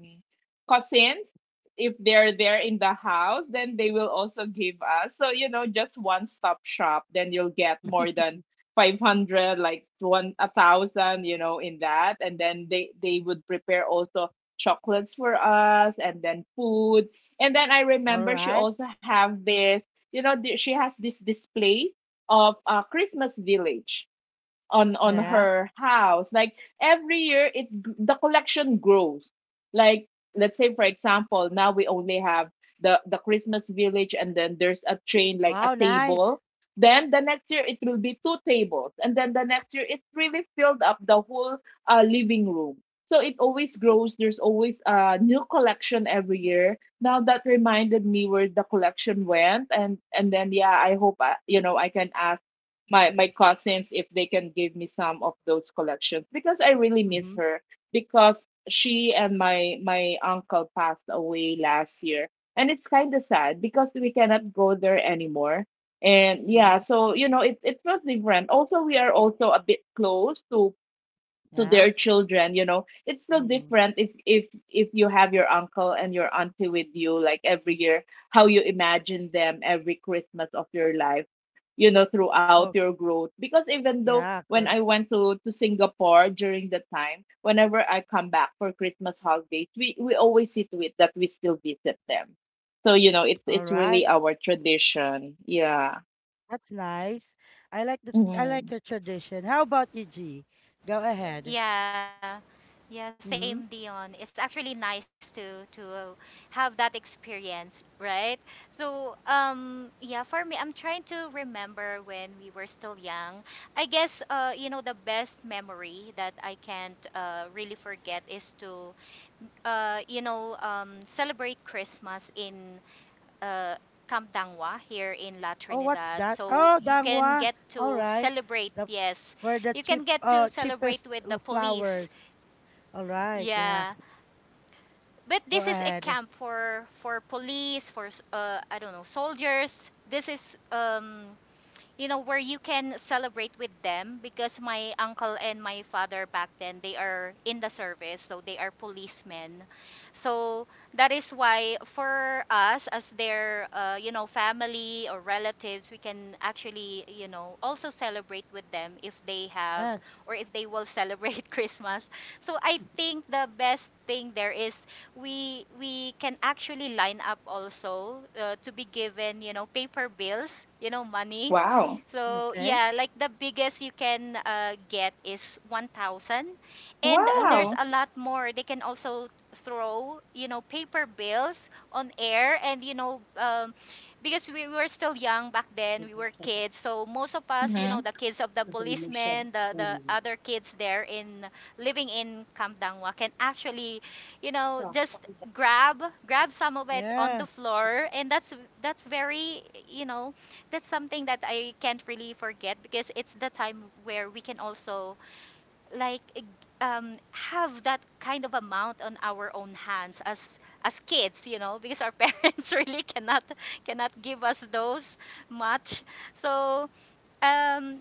B: cousins, if they're there in the house, then they will also give us. So, just one stop shop, then you'll get more than 500, like one 1,000, in that. And then they would prepare also chocolates for us, and then food. And then I
A: all
B: remember she
A: right,
B: also have this, she has this display of a Christmas village on
A: yeah.
B: her house. Like, every year, it the collection grows. Like, let's say, for example, now we only have the Christmas village, and then there's a train, like, a
A: Wow,
B: table.
A: nice.
B: Then the next year it will be two tables, and then the next year it really filled up the whole, living room. So it always grows. There's always a new collection every year. Now that reminded me where the collection went. And then yeah, I hope I, you know I can ask my cousins if they can give me some of those collections, because I really miss
A: Mm-hmm.
B: her, because she and my uncle passed away last year, and it's kind of sad because we cannot go there anymore. And yeah,
A: Mm-hmm.
B: so, it was different also. We are also a bit close to
A: Yeah.
B: their children. You know it's still
A: Mm-hmm.
B: different if if you have your uncle and your auntie with you, like, every year. How you imagine them every Christmas of your life, throughout
A: Oh,
B: your growth, because even though
A: yeah.
B: when I
A: Correct.
B: went to Singapore, during the time, whenever I come back for Christmas holidays, we always see to it that we still visit them. So, it's
A: All
B: it's
A: right.
B: really our tradition. Yeah.
A: That's nice. I like the I
B: Mhm.
A: like your tradition. How about you, G? Go ahead.
C: Yeah. Yeah,
A: Mm-hmm.
C: same Dion. It's actually nice to have that experience, right? So, yeah, for me I'm trying to remember when we were still young. I guess you know the best memory that I can't really forget is to celebrate Christmas in uh, Camp Dangwa here in La
A: Oh, what's
C: Trinidad.
A: that?
C: So
A: Oh,
C: you can
A: dangwa.
C: get
A: All
C: to
A: right.
C: celebrate,
A: The
C: yes.
A: where the
C: You
A: cheap
C: can get to
A: cheapest
C: celebrate with the police.
A: flowers. All right. Yeah.
C: Yeah. But this
A: Go
C: is a
A: ahead.
C: camp for police, for I don't know, soldiers. This is where you can celebrate with them because my uncle and my father back then, they are in the service, so they are policemen. So that is why for us as their, family or relatives, we can actually, also celebrate with them if they have
A: Yes.
C: or if they will celebrate Christmas. So I think the best thing there is we can actually line up also to be given, you know, paper bills, you know, money.
B: Wow.
C: So
A: Okay.
C: yeah, like the biggest you can get is 1,000. And there's
A: Oh,
B: Wow.
C: a lot more. They can also throw, you know, paper bills on air. And, because we were still young back then, we were kids. So most of us, you know,
B: Hmm.
C: the kids of the policemen, the other kids there in living in Kamdangwa can actually, just grab some of it on the
A: yeah.
C: floor. And that's very, you know, that's something that I can't really forget because it's the time where we can also like have that kind of amount on our own hands as kids, you know, because our parents really cannot cannot give us those much. So um,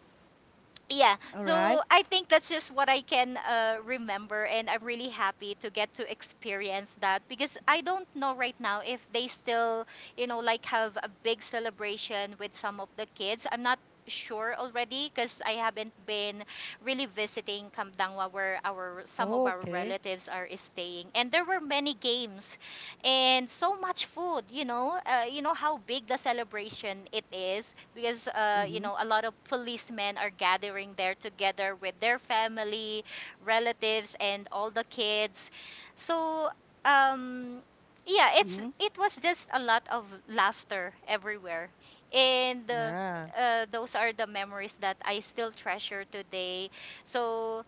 C: yeah,
A: All
C: so
A: right.
C: I think that's just what I can remember and I'm really happy to get to experience that because I don't know right now if they still, you know, like have a big celebration with some of the kids. I'm not sure already because I haven't been really visiting Kamdangwa where our some of
A: Oh,
C: our
A: okay.
C: relatives are staying, and there were many games and so much food, you know. You know how big the celebration it is because
A: Mm-hmm.
C: a lot of policemen are gathering there together with their family, relatives, and all the kids. So um, yeah, it's
A: Mm-hmm.
C: it was just a lot of laughter everywhere, and
A: Yeah.
C: those are the memories that I still treasure today. So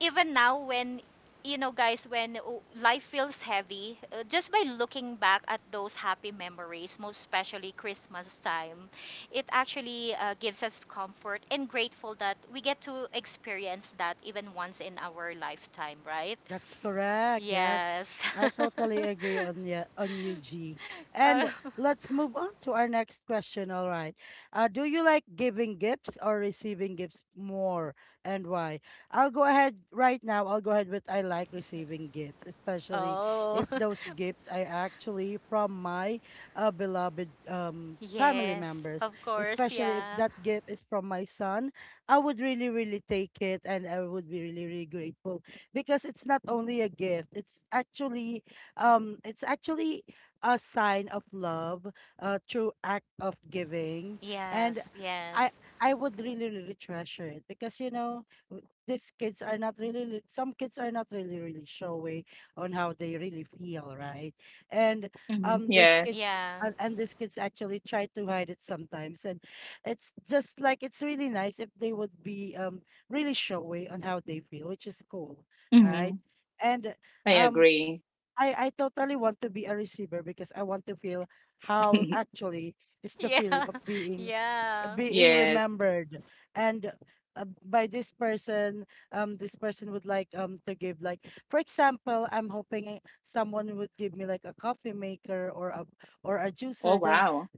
C: even now when, you know, guys, when life feels heavy, just by looking back at those happy memories, most especially Christmas time, it actually gives us comfort and grateful that we get to experience that even once in our lifetime, right?
A: That's correct. Yes.
C: Yes.
A: I totally agree on ya on you, G.
C: Uh,
A: And let's move on to our next question. All right. Do you like giving gifts or receiving gifts more and why? I'll go ahead right now. I'll go ahead with I like receiving gifts, especially
C: oh,
A: if those gifts are actually from my beloved family
C: yes,
A: members,
C: of course,
A: especially if
C: yeah.
A: that gift is from my son. I would really, really take it, and I would be really, really grateful because it's not only a gift, it's actually a sign of love, a true act of giving. And
C: Yes,
A: I
C: yes,
A: would really really treasure it, because you know these kids are not really some kids are not really really showy on how they really feel, right? And
B: Mm-hmm.
A: these
B: Yes.
A: kids
C: yeah.
A: and these kids actually try to hide it sometimes, and it's just like it's really nice if they would be really showy on how they feel, which is cool,
B: Mm-hmm.
A: right? And
B: I
A: um,
B: agree.
A: I totally want to be a receiver, because I want to feel how actually it's the feeling
C: Yeah.
A: of being
C: Yeah.
A: being
B: Yes.
A: remembered, and by this person. This person would like to give like for example, I'm hoping eh, someone would give me like a coffee maker or a
B: Oh,
A: juicer.
B: wow.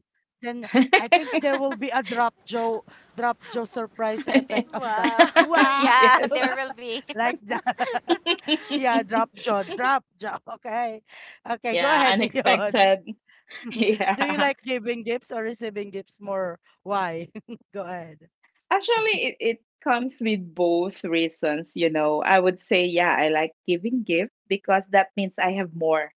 A: Then I think there will be a drop Joe surprise effect on that.
C: Wow.
A: What
C: Yeah,
B: Yes.
C: there will be.
A: like that? Yeah, drop jaw, drop jaw. Okay. Okay, go
B: Yeah,
A: ahead, Dion.
B: unexpected.
A: Do you
B: Yeah.
A: like giving gifts or receiving gifts more? Why? Go ahead.
B: Actually, it comes with both reasons. I would say, yeah, I like giving gift, because that means I have more,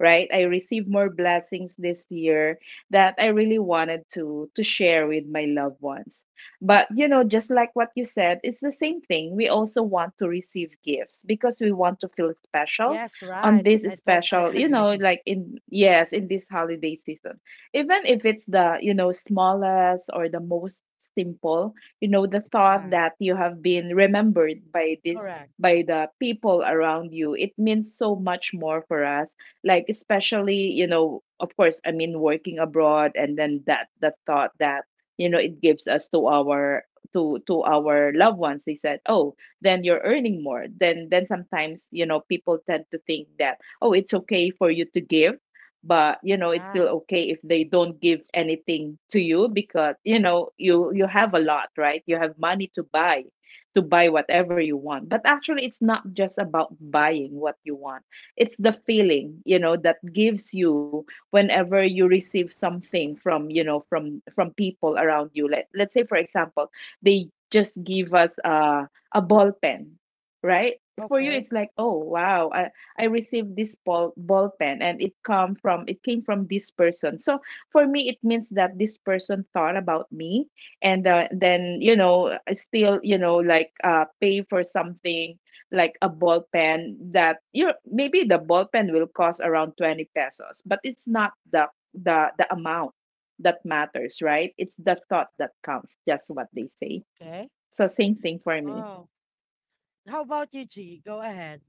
B: right? I receive more blessings this year that I really wanted to share with my loved ones. But, just like what you said, it's the same thing. We also want to receive gifts because we want to feel special
A: Yes,
B: on
A: right.
B: this
A: I totally
B: special, you know,
A: agree.
B: like in yes, in this holiday season. Even if it's the smallest or the most simple, the thought
A: Yeah,
B: that you have been remembered,
A: correct.
B: by the people around you, it means so much more for us, like especially, of course, working abroad. And then that the thought that it gives us to our, to our loved ones. They said, oh, then you're earning more, then sometimes, people tend to think that, oh, it's okay for you to give, but it's
A: Yeah.
B: still okay if they don't give anything to you, because you have a lot, right? You have money to buy, to buy whatever you want. But actually it's not just about buying what you want, it's the feeling, that gives you whenever you receive something from, people around you. Let's say for example, they just give us a ball pen, right? For you
A: Okay.
B: it's like, oh wow, I received this ball pen, and it came from this person. So for me it means that this person thought about me. And then, I still, like pay for something, like a ball pen that, maybe the ball pen will cost around 20 pesos. But it's not the, the amount that matters, right? It's the thought that counts, just what they say.
A: Okay.
B: So same thing for me.
A: Oh. How about you, G? Go ahead.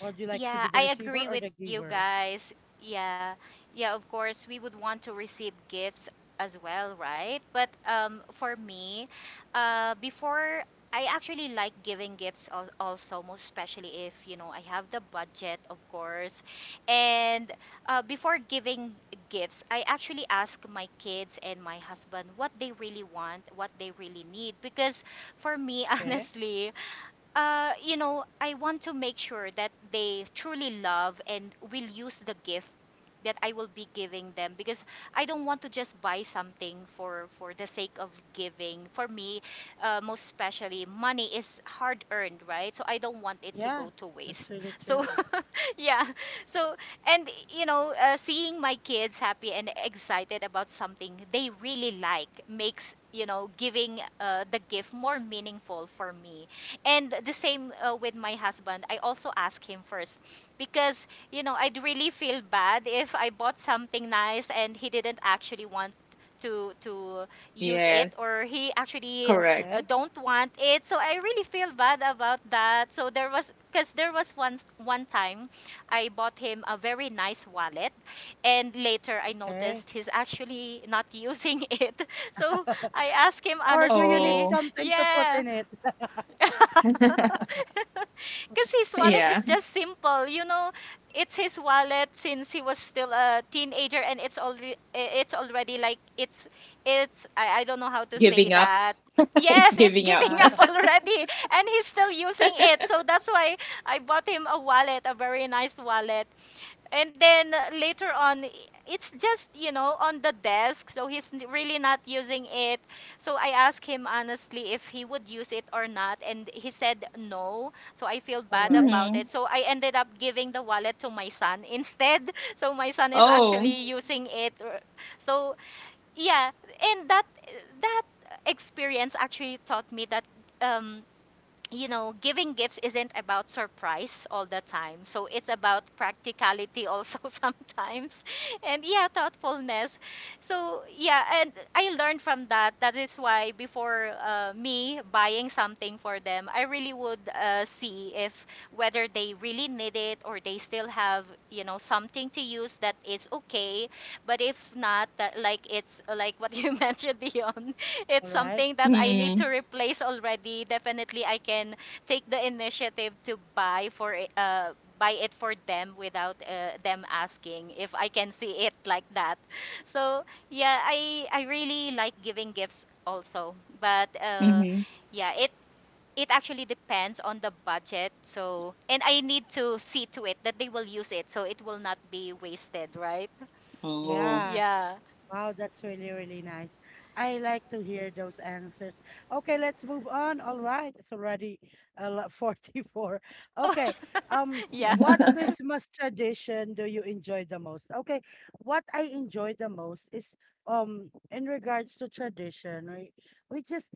A: Would you like to be the
C: Yeah, I
A: receiver or
C: agree
A: the
C: with you
A: giver?
C: guys. Yeah. Yeah, of course we would want to receive gifts as well, right? But for me, before, I actually like giving gifts al- also, most especially if, you know, I have the budget, of course. And before giving gifts, I actually ask my kids and my husband what they really want, what they really need because for me,
A: Okay.
C: honestly, I want to make sure that they truly love and will use the gift that I will be giving them because I don't want to just buy something for the sake of giving. For me, most especially, money is hard earned, right? So I don't want it to
A: Yeah,
C: go to
A: that's
C: waste.
A: really true.
C: So yeah. So, and you know, seeing my kids happy and excited about something they really like makes, you know, giving the gift more meaningful for me. And the same with my husband. I also ask him first because, you know, I'd really feel bad if I bought something nice and he didn't actually want to use it,
B: Yes,
C: or he actually
B: correct.
A: Okay,
C: don't want it. So I really feel bad about that. So there was, because there was once one time I bought him a very nice wallet, and later I
A: okay.
C: noticed he's actually not using it. So I asked him
A: Or do you need
C: honestly,
B: Oh,
A: something to put
C: yeah,
A: in it?
C: because his wallet is
B: yeah.
C: just simple, you know. It's his wallet since he was still a teenager, and it's already like it's I don't know how to say
B: Giving up.
C: that.
B: It's
C: Yes, it's
B: giving up.
C: giving
A: Ah,
C: up already, and he's still using it. So that's why I bought him a wallet, a very nice wallet. And then later on, it's just, you know, on the desk. So he's really not using it. So I asked him honestly if he would use it or not. And he said no. So I feel
A: all
C: bad
A: right,
C: about
B: Mm-hmm.
C: it. So I ended up giving the wallet to my son instead. So my son is actually
B: Oh.
C: using it. So yeah. And that, that experience actually taught me that. Um, you know, giving gifts isn't about surprise all the time. So it's about practicality also sometimes. And yeah, thoughtfulness. So yeah, and I learned from that. That is why before me buying something for them, I really would see if whether they really need it, or they still have, you know, something to use that is okay. But if not, that, like it's like what you mentioned, Dion, it's
A: all right.
C: something that I need to
B: Mm-hmm.
C: replace already. Definitely, I can take the initiative to buy for buy it for them without them asking if I can see it like that. So yeah, I really like giving gifts also, but
B: Mm-hmm.
C: yeah, it actually depends on the budget. So and I need to see to it that they will use it, so it will not be wasted, right?
B: Oh.
A: Yeah.
C: Yeah.
A: Wow, that's really, really nice. I like to hear those answers. Okay, let's move on. All right, it's already 44.
C: Oh,
A: Okay. Um,
C: yeah.
A: what Christmas tradition do you enjoy the most? Okay, what I enjoy the most is in regards to tradition, we just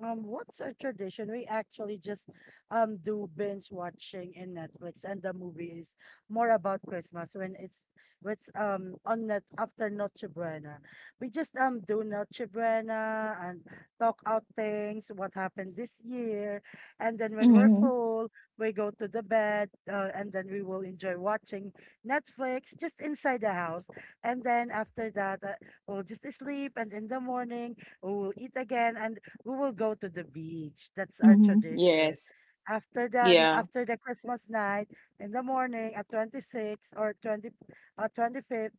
A: What's a tradition? We actually just do binge watching in Netflix, and the movie is more about Christmas when it's what's on net after Noche Buena. We just do Noche Buena and talk out things, what happened this year, and then when we're
B: Mm-hmm.
A: full, we go to the bed, and then we will enjoy watching Netflix just inside the house, and then after that, we'll just sleep, and in the morning we will eat again, and we will go to the beach. That's our
B: Mm-hmm.
A: tradition.
B: Yes.
A: After that,
B: Yeah.
A: after the Christmas night in the morning at 25th,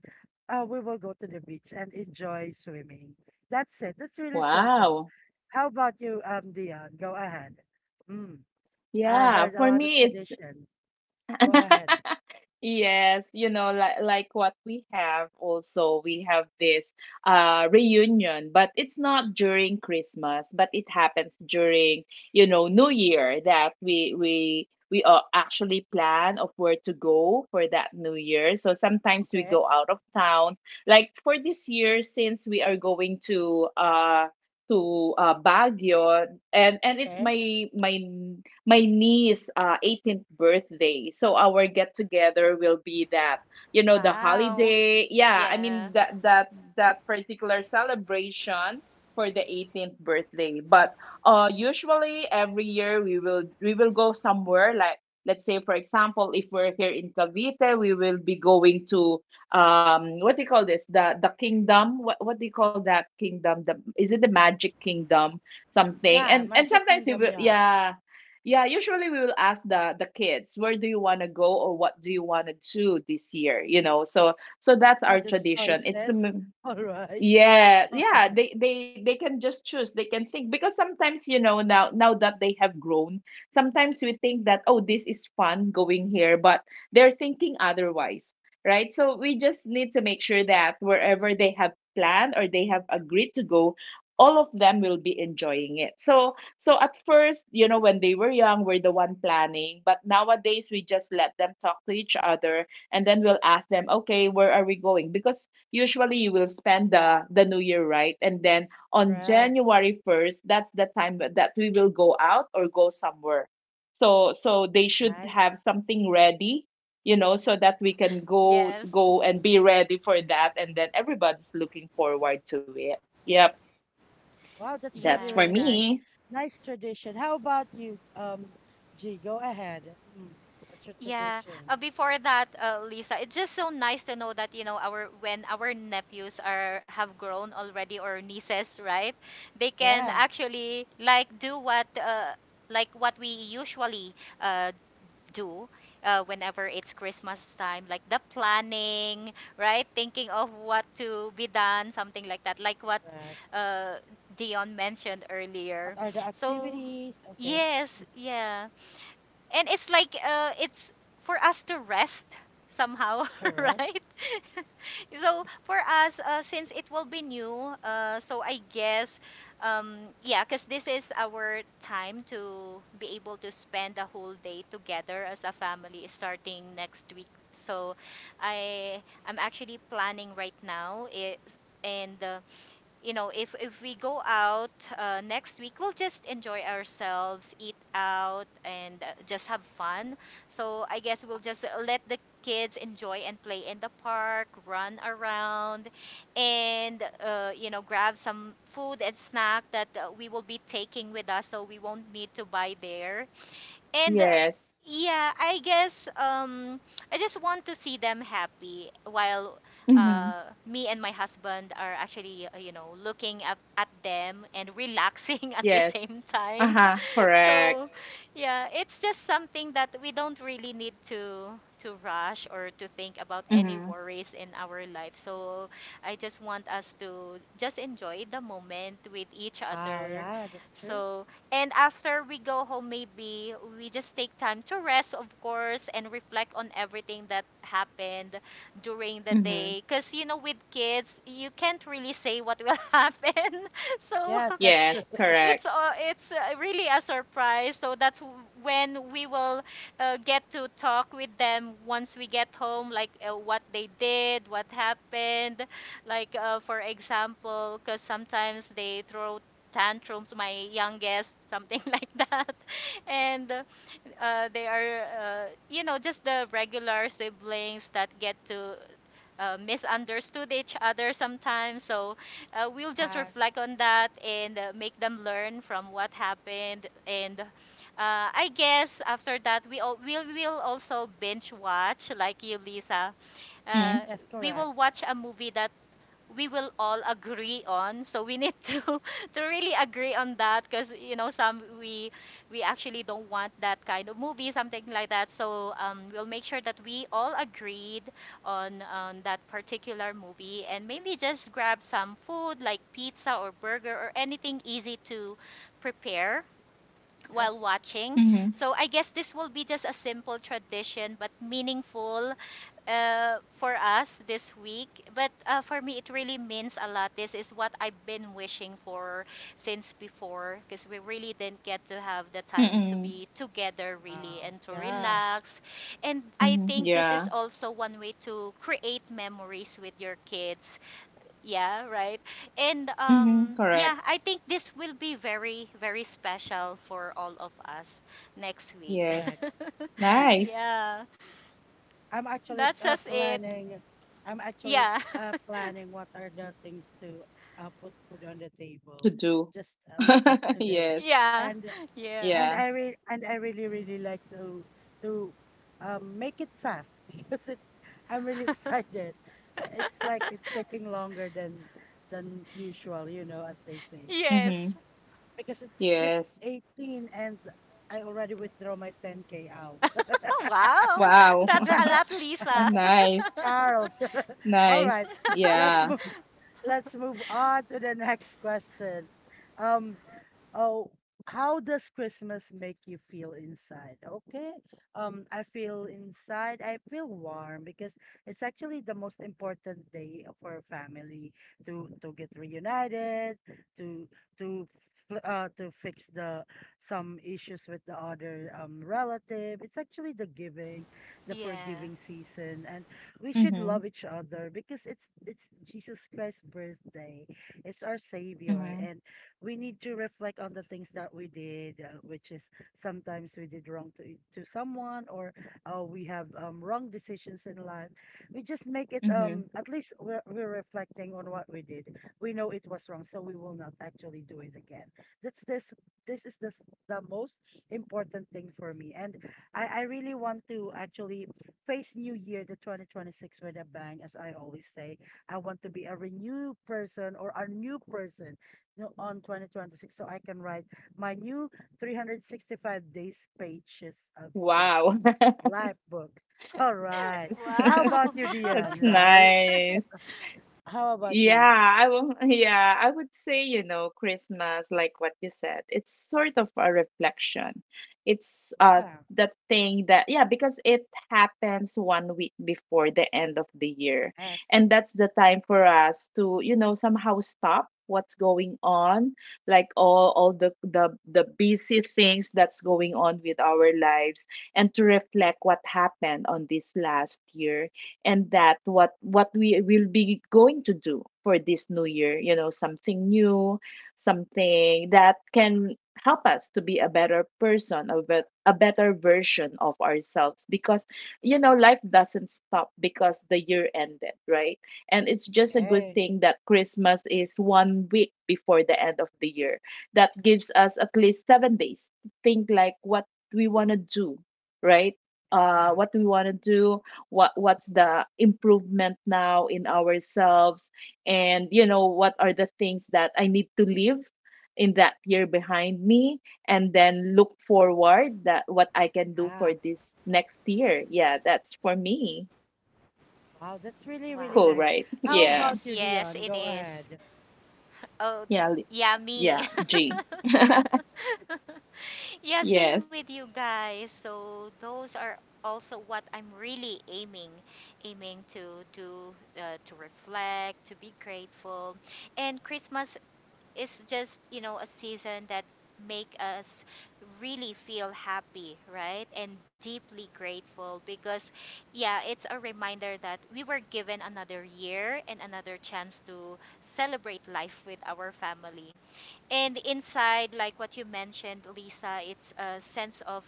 A: we will go to the beach and enjoy swimming. That's it. That's really simple.
B: Wow.
A: How about you, Dion? Go ahead. Mm, I
B: Yeah.
A: heard a
B: For
A: lot of
B: me, it's.
A: tradition. Go ahead.
B: Yes, you know, like what we have also, we have this reunion, but it's not during Christmas, but it happens during, New Year, that we actually plan of where to go for that New Year. So sometimes we
A: Okay.
B: go out of town. Like for this year, since we are going to Baguio. And it's
A: Okay.
B: my niece 18th birthday. So our get together will be that, the
C: Wow.
B: holiday. Yeah, I
C: Yeah.
B: mean that that particular celebration for the 18th birthday. But usually every year we will go somewhere. Like, let's say for example, if we're here in Cavite, we will be going to, what do you call this, the kingdom? What do you call that kingdom, the, is it the Magic Kingdom something?
A: Yeah,
B: And
A: Magic
B: sometimes we
A: Kingdom.
B: will,
A: Yeah.
B: yeah. Yeah, usually we will ask the kids, where do you want to go or what do you want to do this year, you know? So that's
A: All
B: our
A: these
B: tradition. It's the.
A: choices. All right.
B: Yeah, yeah, they can just choose. They can think, because sometimes, now that they have grown, sometimes we think that, oh, this is fun going here, but they're thinking otherwise, right? So we just need to make sure that wherever they have planned or they have agreed to go, all of them will be enjoying it. So at first, when they were young, we're the one planning, but nowadays we just let them talk to each other, and then we'll ask them, okay, where are we going? Because usually you will spend the new year, right? And then on
A: Correct.
B: January 1st, that's the time that we will go out or go somewhere. So they should
A: Nice.
B: have something ready, so that we can go
C: Yes.
B: go and be ready for that. And then everybody's looking forward to it. Yep,
A: Wow, that's really,
B: that's for
A: really nice.
C: Yeah.
B: me.
A: Nice tradition. How about you, G? Go ahead. Mm, what's your
C: Yeah.
A: tradition?
C: Before that, Lisa, it's just so nice to know that, you know, our when our nephews are have grown already or nieces, right? They can
A: Yeah,
C: actually like do what like what we usually uh, do whenever it's Christmas time, like the planning, right? Thinking of what to be done, something like that, like what
A: correct.
C: uh, Dion mentioned
A: What
C: earlier.
A: are the
C: So,
A: activities? Okay,
C: yes, yeah. And it's like it's for us to rest somehow,
A: correct.
C: right? So for us since it will be new so I guess yeah, because this is our time to be able to spend a whole day together as a family starting next week. So I I'm actually planning right now it, and you know, if we go out next week, we'll just enjoy ourselves, eat out, and just have fun. So I guess we'll just let the kids enjoy and play in the park, run around, and grab some food and snack that we will be taking with us, so we won't need to buy there and
B: Yes.
C: yeah, I guess. I just want to see them happy while
B: Mm-hmm.
C: me and my husband are actually looking up at them and relaxing at the
B: Yes.
C: same time.
B: Uh-huh. Correct.
C: So yeah, it's just something that we don't really need to rush or to think about any
B: Mm-hmm.
C: worries in our life. So I just want us to just enjoy the moment with each
A: Wow,
C: other.
A: yeah, that's true.
C: So and after we go home maybe we just take time to rest of course and reflect on everything that happened during the
B: Mm-hmm.
C: day because you know with kids you can't really say what will happen. So
A: Yes, that's
B: Yes.
A: true.
B: Correct.
C: it's really a surprise. So that's when we will get to talk with them once we get home, like what they did, what happened. Like for example, because sometimes they throw tantrums, my youngest, something like that, and they are just the regular siblings that get to misunderstood each other sometimes. So we'll just
A: Uh,
C: reflect on that and make them learn from what happened. And I guess after that, will also binge watch, like you, Lisa. Uh,
B: Mm-hmm.
A: yes,
C: we
A: correct.
C: will watch a movie that we will all agree on, so we need to to really agree on that because you know some we actually don't want that kind of movie, something like that. So we'll make sure that we all agreed on that particular movie, and maybe just grab some food like pizza or burger or anything easy to prepare while
A: Yes.
C: watching.
B: Mm-hmm.
C: So I guess this will be just a simple tradition but meaningful for us this week. But for me, it really means a lot. This is what I've been wishing for since before, because we really didn't get to have the time to be together, really,
A: Wow.
C: and to
A: Yeah,
C: relax. And I
B: Mm-hmm.
C: think this
B: Yeah.
C: is also one way to create memories with your kids. Yeah, right. And
B: Mm-hmm.
C: um,
B: Correct.
C: yeah, I think this will be very, very special for all of us next week.
B: Yes.
A: correct.
B: Nice
C: Yeah,
A: I'm actually
C: that's just it.
A: planning. I'm actually
C: Yeah.
A: planning what are the things to put food on the
B: to
A: table
B: do.
A: just today,
B: Yes.
C: Yeah.
A: and
C: Yeah.
A: and
B: Yeah.
A: I re and I really really like to to make it fast because it I'm really excited. It's like it's taking longer than usual, you know, as they say.
C: Yes.
B: Mm-hmm.
A: Because it's just
B: Yes.
A: 18, and I already withdraw my 10K out.
C: Wow.
B: Wow.
C: That's a lot, Lisa.
B: Nice.
A: Charles. All
B: Nice.
A: right. Let's
B: Yeah.
A: move let's move on to the next question. Um Oh, how does Christmas make you feel inside? Okay. I feel inside. I feel warm because it's actually the most important day for a family to get reunited, to to to fix the some issues with the other relative. It's actually the giving, the
C: Yeah.
A: forgiving season, and we should love
B: Mm-hmm.
A: each other because it's Jesus Christ's birthday. It's our savior,
B: Mm-hmm.
A: and we need to reflect on the things that we did, which is sometimes we did wrong to to someone, or we have wrong decisions in life. We just make it
B: Mm-hmm.
A: at least we're reflecting on what we did. We know it was wrong, so we will not actually do it again. That's this this is the most important thing for me, and I really want to actually face New Year, the 2026 with a bang, as I always say. I want to be a renewed person or a new person no, on 2026, so I can write my new 365 days pages of book,
B: Wow.
A: life book. All right.
B: Yes.
A: How about
C: Wow.
A: you, Dion,
B: That's
A: right?
B: nice.
A: How about
B: Yeah,
A: you?
B: yeah, I would say, Christmas, like what you said, it's sort of a reflection. It's
A: Yeah.
B: the thing that, yeah, because it happens one week before the end of the year.
A: Yes.
B: And that's the time for us to, somehow stop what's going on, like all the busy things that's going on with our lives, and to reflect what happened on this last year, and that what we will be going to do for this new year. Something new, something that can help us to be a better person, a better version of ourselves, because life doesn't stop because the year ended, right? And it's just a good
A: Okay.
B: thing that Christmas is one week before the end of the year, that gives us at least 7 days to think, like, what we want to do, right?
A: Ah.
B: What we want to do what What's the improvement now in ourselves? And what are the things that I need to leave in that year behind me, and then look forward that what I can do for
A: Ah.
B: this next year. Yeah, that's for me.
A: Wow, that's really, really
B: Cool,
A: nice.
B: right?
C: Wow.
A: How
B: Yeah.
A: about
C: Yes,
A: you,
C: yes,
A: Dion?
C: it
A: Go
C: is.
A: ahead.
C: Oh,
B: yeah li-
C: yummy.
B: yeah, G.
C: Yeah, same
B: Yes.
C: with you guys. So those are also what I'm really aiming to do, to reflect, to be grateful. And Christmas, it's just you know a season that make us really feel happy, right, and deeply grateful. Because yeah, it's a reminder that we were given another year and another chance to celebrate life with our family. And inside, like what you mentioned, Lisa, it's a
A: Mhm.
C: sense of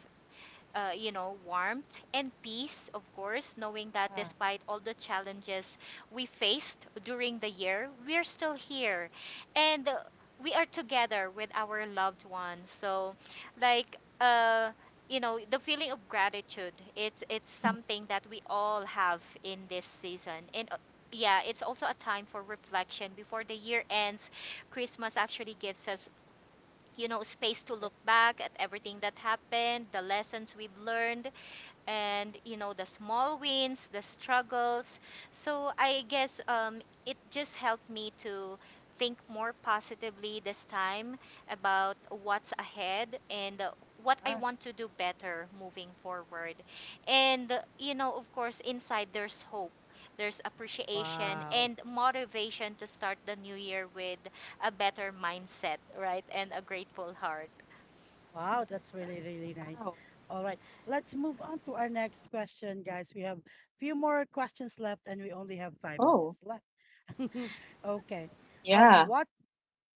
C: you know, warmth and peace, of course, knowing that
A: Ah,
C: despite all the challenges we faced during the year, we're still here, and we are together with our loved ones. So, like, you know, the feeling of gratitude, it's something that we all have in this season. And yeah, it's also a time for reflection before the year ends. Christmas actually gives us you know, space to look
A: okay.
C: back at everything that happened, the lessons we've learned, and you know the small wins, the struggles. So I guess it just helped me to think more positively this time about what's ahead, and what I
A: Ah.
C: want to do better moving forward. And you know, of course, inside there's hope, there's appreciation
A: Wow.
C: and motivation to start the new year with a better mindset, right, and a grateful heart.
A: Wow, that's really, really nice.
B: Wow.
A: All right, let's move on to our next question, guys. We have few more questions left, and we only have five
B: Oh,
A: minutes left. Okay.
B: yeah.
A: What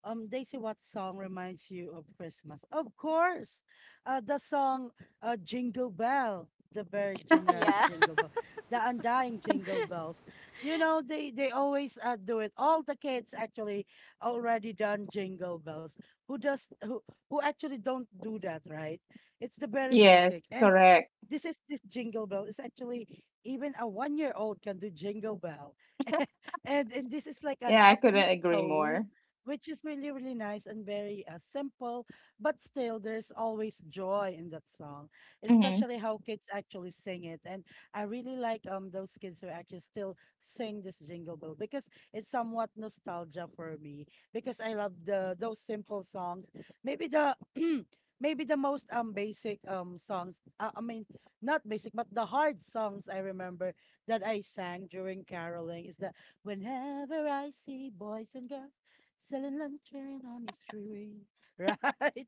A: Daisy, what song reminds you of Christmas? Of course, the song Jingle Bell, the very generic
C: Yeah.
A: Jingle Bell, the undying Jingle Bells. You know, they always do it. All the kids actually already done Jingle Bells. Who does who actually don't do that, right? It's the very
B: Yes,
A: basic. And
B: correct.
A: this is this jingle bell is actually even a 1 year old can do jingle bell, and this is like an
B: Yeah, I
A: upbeat
B: couldn't agree
A: tone
B: more.
A: which is really really nice and very simple, but still there's always joy in that song,
B: Mm-hmm.
A: especially how kids actually sing it. And I really like those kids who actually still sing this jingle bell, because it's somewhat nostalgia for me, because I love the those simple songs. Maybe the maybe the most basic songs I mean not basic, but the hard songs I remember that I sang during caroling is that whenever I see boys and girls selling lantern on the street, right?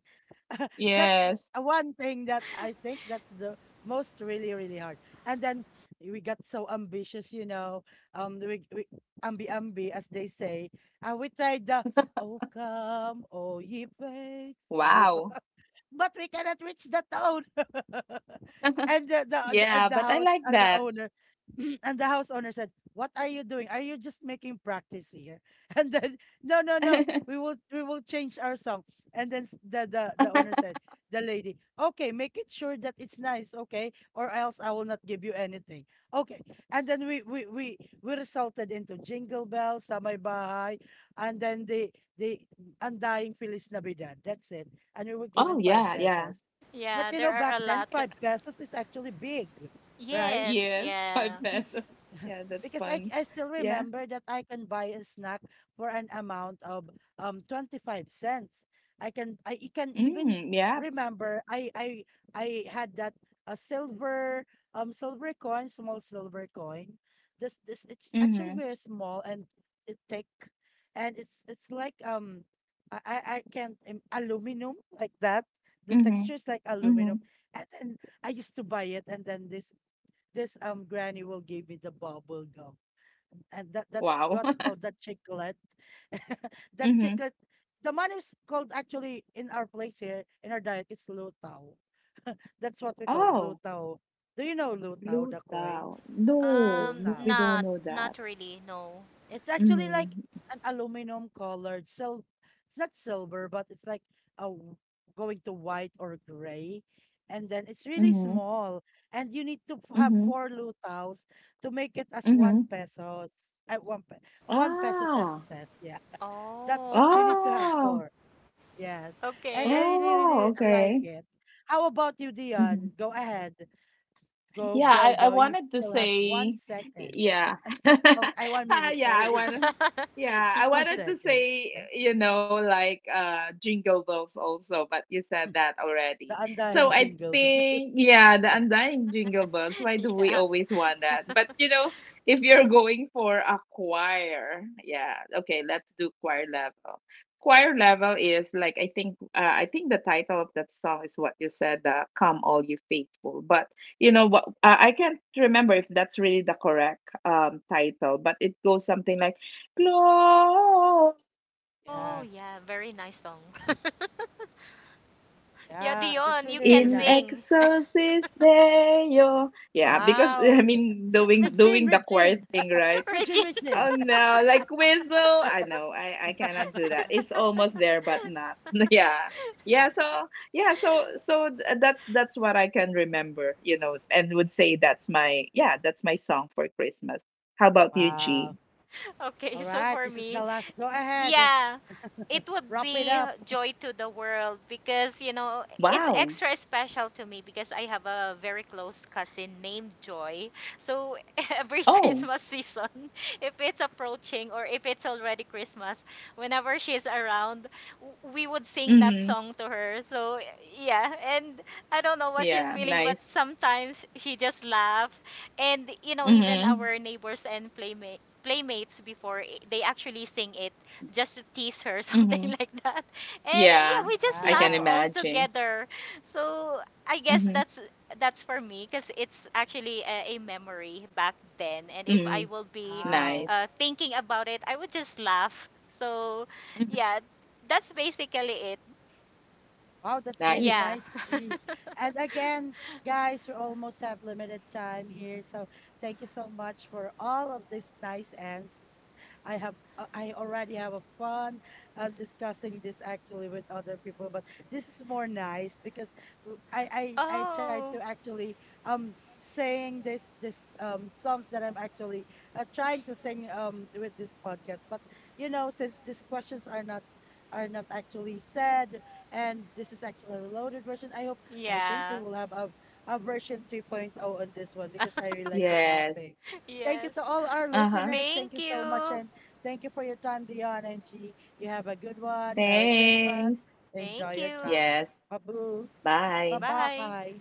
A: That's
B: Yes.
A: one thing that I think that's the most really really hard. And then we got so ambitious, you know. We ambi ambi as they say, and we tried the Oh come, oh ye faithful.
B: Wow.
A: But we cannot reach the town. And the, the the-
B: Yeah,
A: and the
B: but I
A: house
B: like
A: and the
B: that.
A: owner and the house owner said, "What are you doing? Are you just making practice here?" And then, "No, no, no. We will we will change our song." And then the the owner said, "The lady, okay, make it sure that it's nice, okay, or else I will not give you anything." Okay. And then we resulted into Jingle Bell, Samay Bahay, and then the undying Feliz Navidad. That's it, and we were
B: Oh,
A: given five
B: yeah, yeah.
A: pesos. But
C: Yeah,
A: you
C: there
A: know,
C: are
A: back
C: a
A: then,
C: lot.
A: 5 pesos is actually big, right?
C: Yes,
B: Yes, 5
C: yeah.
B: pesos. Yeah, that's
A: Because I
B: fun.
A: I still
B: Yeah.
A: remember that I can buy a snack for an amount of $0.25. I can can even
B: Mm, yeah.
A: remember I had that a silver silver coin, small silver coin. This it's
B: Mm-hmm.
A: actually very small and it thick, and it's like I can't aluminum like that. The
B: Mm-hmm.
A: texture is like
B: Mm-hmm.
A: aluminum, and then I used to buy it, and then this granny will give me the bubble gum. And that that's
B: Wow.
A: what you call that, chiclet. That
B: Mm-hmm.
A: chiclet, the man is called actually in our place here in our diet it's lutao. That's what we call
B: Oh,
A: lutao. Do you know lutao,
B: Blue
A: the coin?
B: Town. No, no,
A: Lutao.
B: we don't
C: Not
B: know that.
C: not really, no.
A: It's actually
B: Mm.
A: like an aluminum colored sil it's not silver, but it's like a w- going to white or gray. And then it's really
B: Mm-hmm.
A: small. And you need to have
B: Mm-hmm.
A: 4 lutaos to make it as
B: Mm-hmm.
A: 1 peso. At one pe one peso peso
B: Ah.
A: says, yeah. That
C: Oh,
A: you need to have
B: Oh.
A: four. Yes. And I
C: okay.
A: really,
B: Oh,
A: really like
B: okay.
A: it. How about you,
B: Mm-hmm.
A: Dion? Go ahead. Go,
B: Yeah, I,
A: go,
B: I
A: go. You
B: wanted to
A: still have one
B: say.
A: second.
B: Yeah,
A: Okay, one
B: ah,
A: minute, sorry.
B: yeah, I
A: One
B: wanted to
A: second.
B: say, like, Jingle Bells also, but you said that
A: The
B: already.
A: Andahin
B: So I
A: jingle.
B: think, yeah, the
A: Okay.
B: Undying Jingle Bells. Why do we
C: Yeah.
B: always want that? But if you're going for a choir, yeah, okay, let's do choir level. Choir level is like, I think the title of that song is what you said, "Come All You Faithful," but you know what, I can't remember if that's really the correct title, but it goes something like "Glow
C: Oh,
A: Yeah.
C: yeah, very nice song. Yeah,
A: Yeah. That's
C: Dion, you
A: really,
C: can
A: really
B: in
A: nice.
C: sing.
B: excelsis Deo." Yeah, because I
A: Wow.
B: mean doing
A: Regine,
B: doing the choir
A: Regine.
B: thing, right?
A: Regine,
C: Regine.
B: Oh
A: Regine.
B: no, like whistle. I know I cannot do
A: Yeah.
B: that. It's almost there, but not. Yeah. Yeah, so, yeah, so that's what I can remember, and would say that's my, yeah, that's my song for Christmas. How about you, G?
A: Wow.
C: Okay,
A: All
C: so
A: right.
C: for
A: This is the
C: me,
A: last. Go ahead.
C: yeah, it would
A: Wrap it
C: be
A: up.
C: Joy to the World because, you know, it's
B: Wow.
C: extra special to me because I have a very close cousin named Joy. So every
B: Oh.
C: Christmas season, if it's approaching or if it's already Christmas, whenever she's around, we would sing that
B: Mhm.
C: song to her. So yeah, and I don't know what she's
B: Yeah,
C: feeling, but
B: nice.
C: sometimes she just laughs. And, you know, even
B: Mhm.
C: our neighbors and playmates before they actually sing it just to tease her, something
B: Mhm.
C: like that. And yeah,
B: Yeah,
C: we just
B: I
C: laugh
B: can
A: Yeah.
C: all
B: imagine.
C: together. So I guess
B: Mhm.
C: that's for me because it's actually a memory back then. And if I
B: Mhm.
C: will be
A: Wow.
B: Nice.
C: thinking about it, I would just laugh. So
B: Mhm.
C: yeah, that's basically it.
A: Wow, that's really
B: Nice.
C: Yeah.
A: nice, G. And again, guys, we almost have limited time here, so thank you so much for all of these nice answers. I have, I already have a fun discussing this actually with other people, but this is more nice because I tried to
C: Oh,
A: actually sing this this songs that I'm actually trying to sing with this podcast. But you know, since these questions are not actually said, and this is actually a reloaded version. I hope, I think we
C: yeah.
A: will have a version 3.0 on this one because I really like the
B: Yes.
A: topic. Thank you to
C: Yes.
A: all our
B: Uh-huh.
A: listeners.
C: Thank
A: Thank you so much.
C: you.
A: And thank you for your time, Dion and G. You have a good one. Merry Christmas.
B: Thanks.
A: Enjoy
C: Thank
A: your
C: you.
A: time.
B: Yes.
A: Babu. Bye
B: Bye.
C: Bye.
A: bye.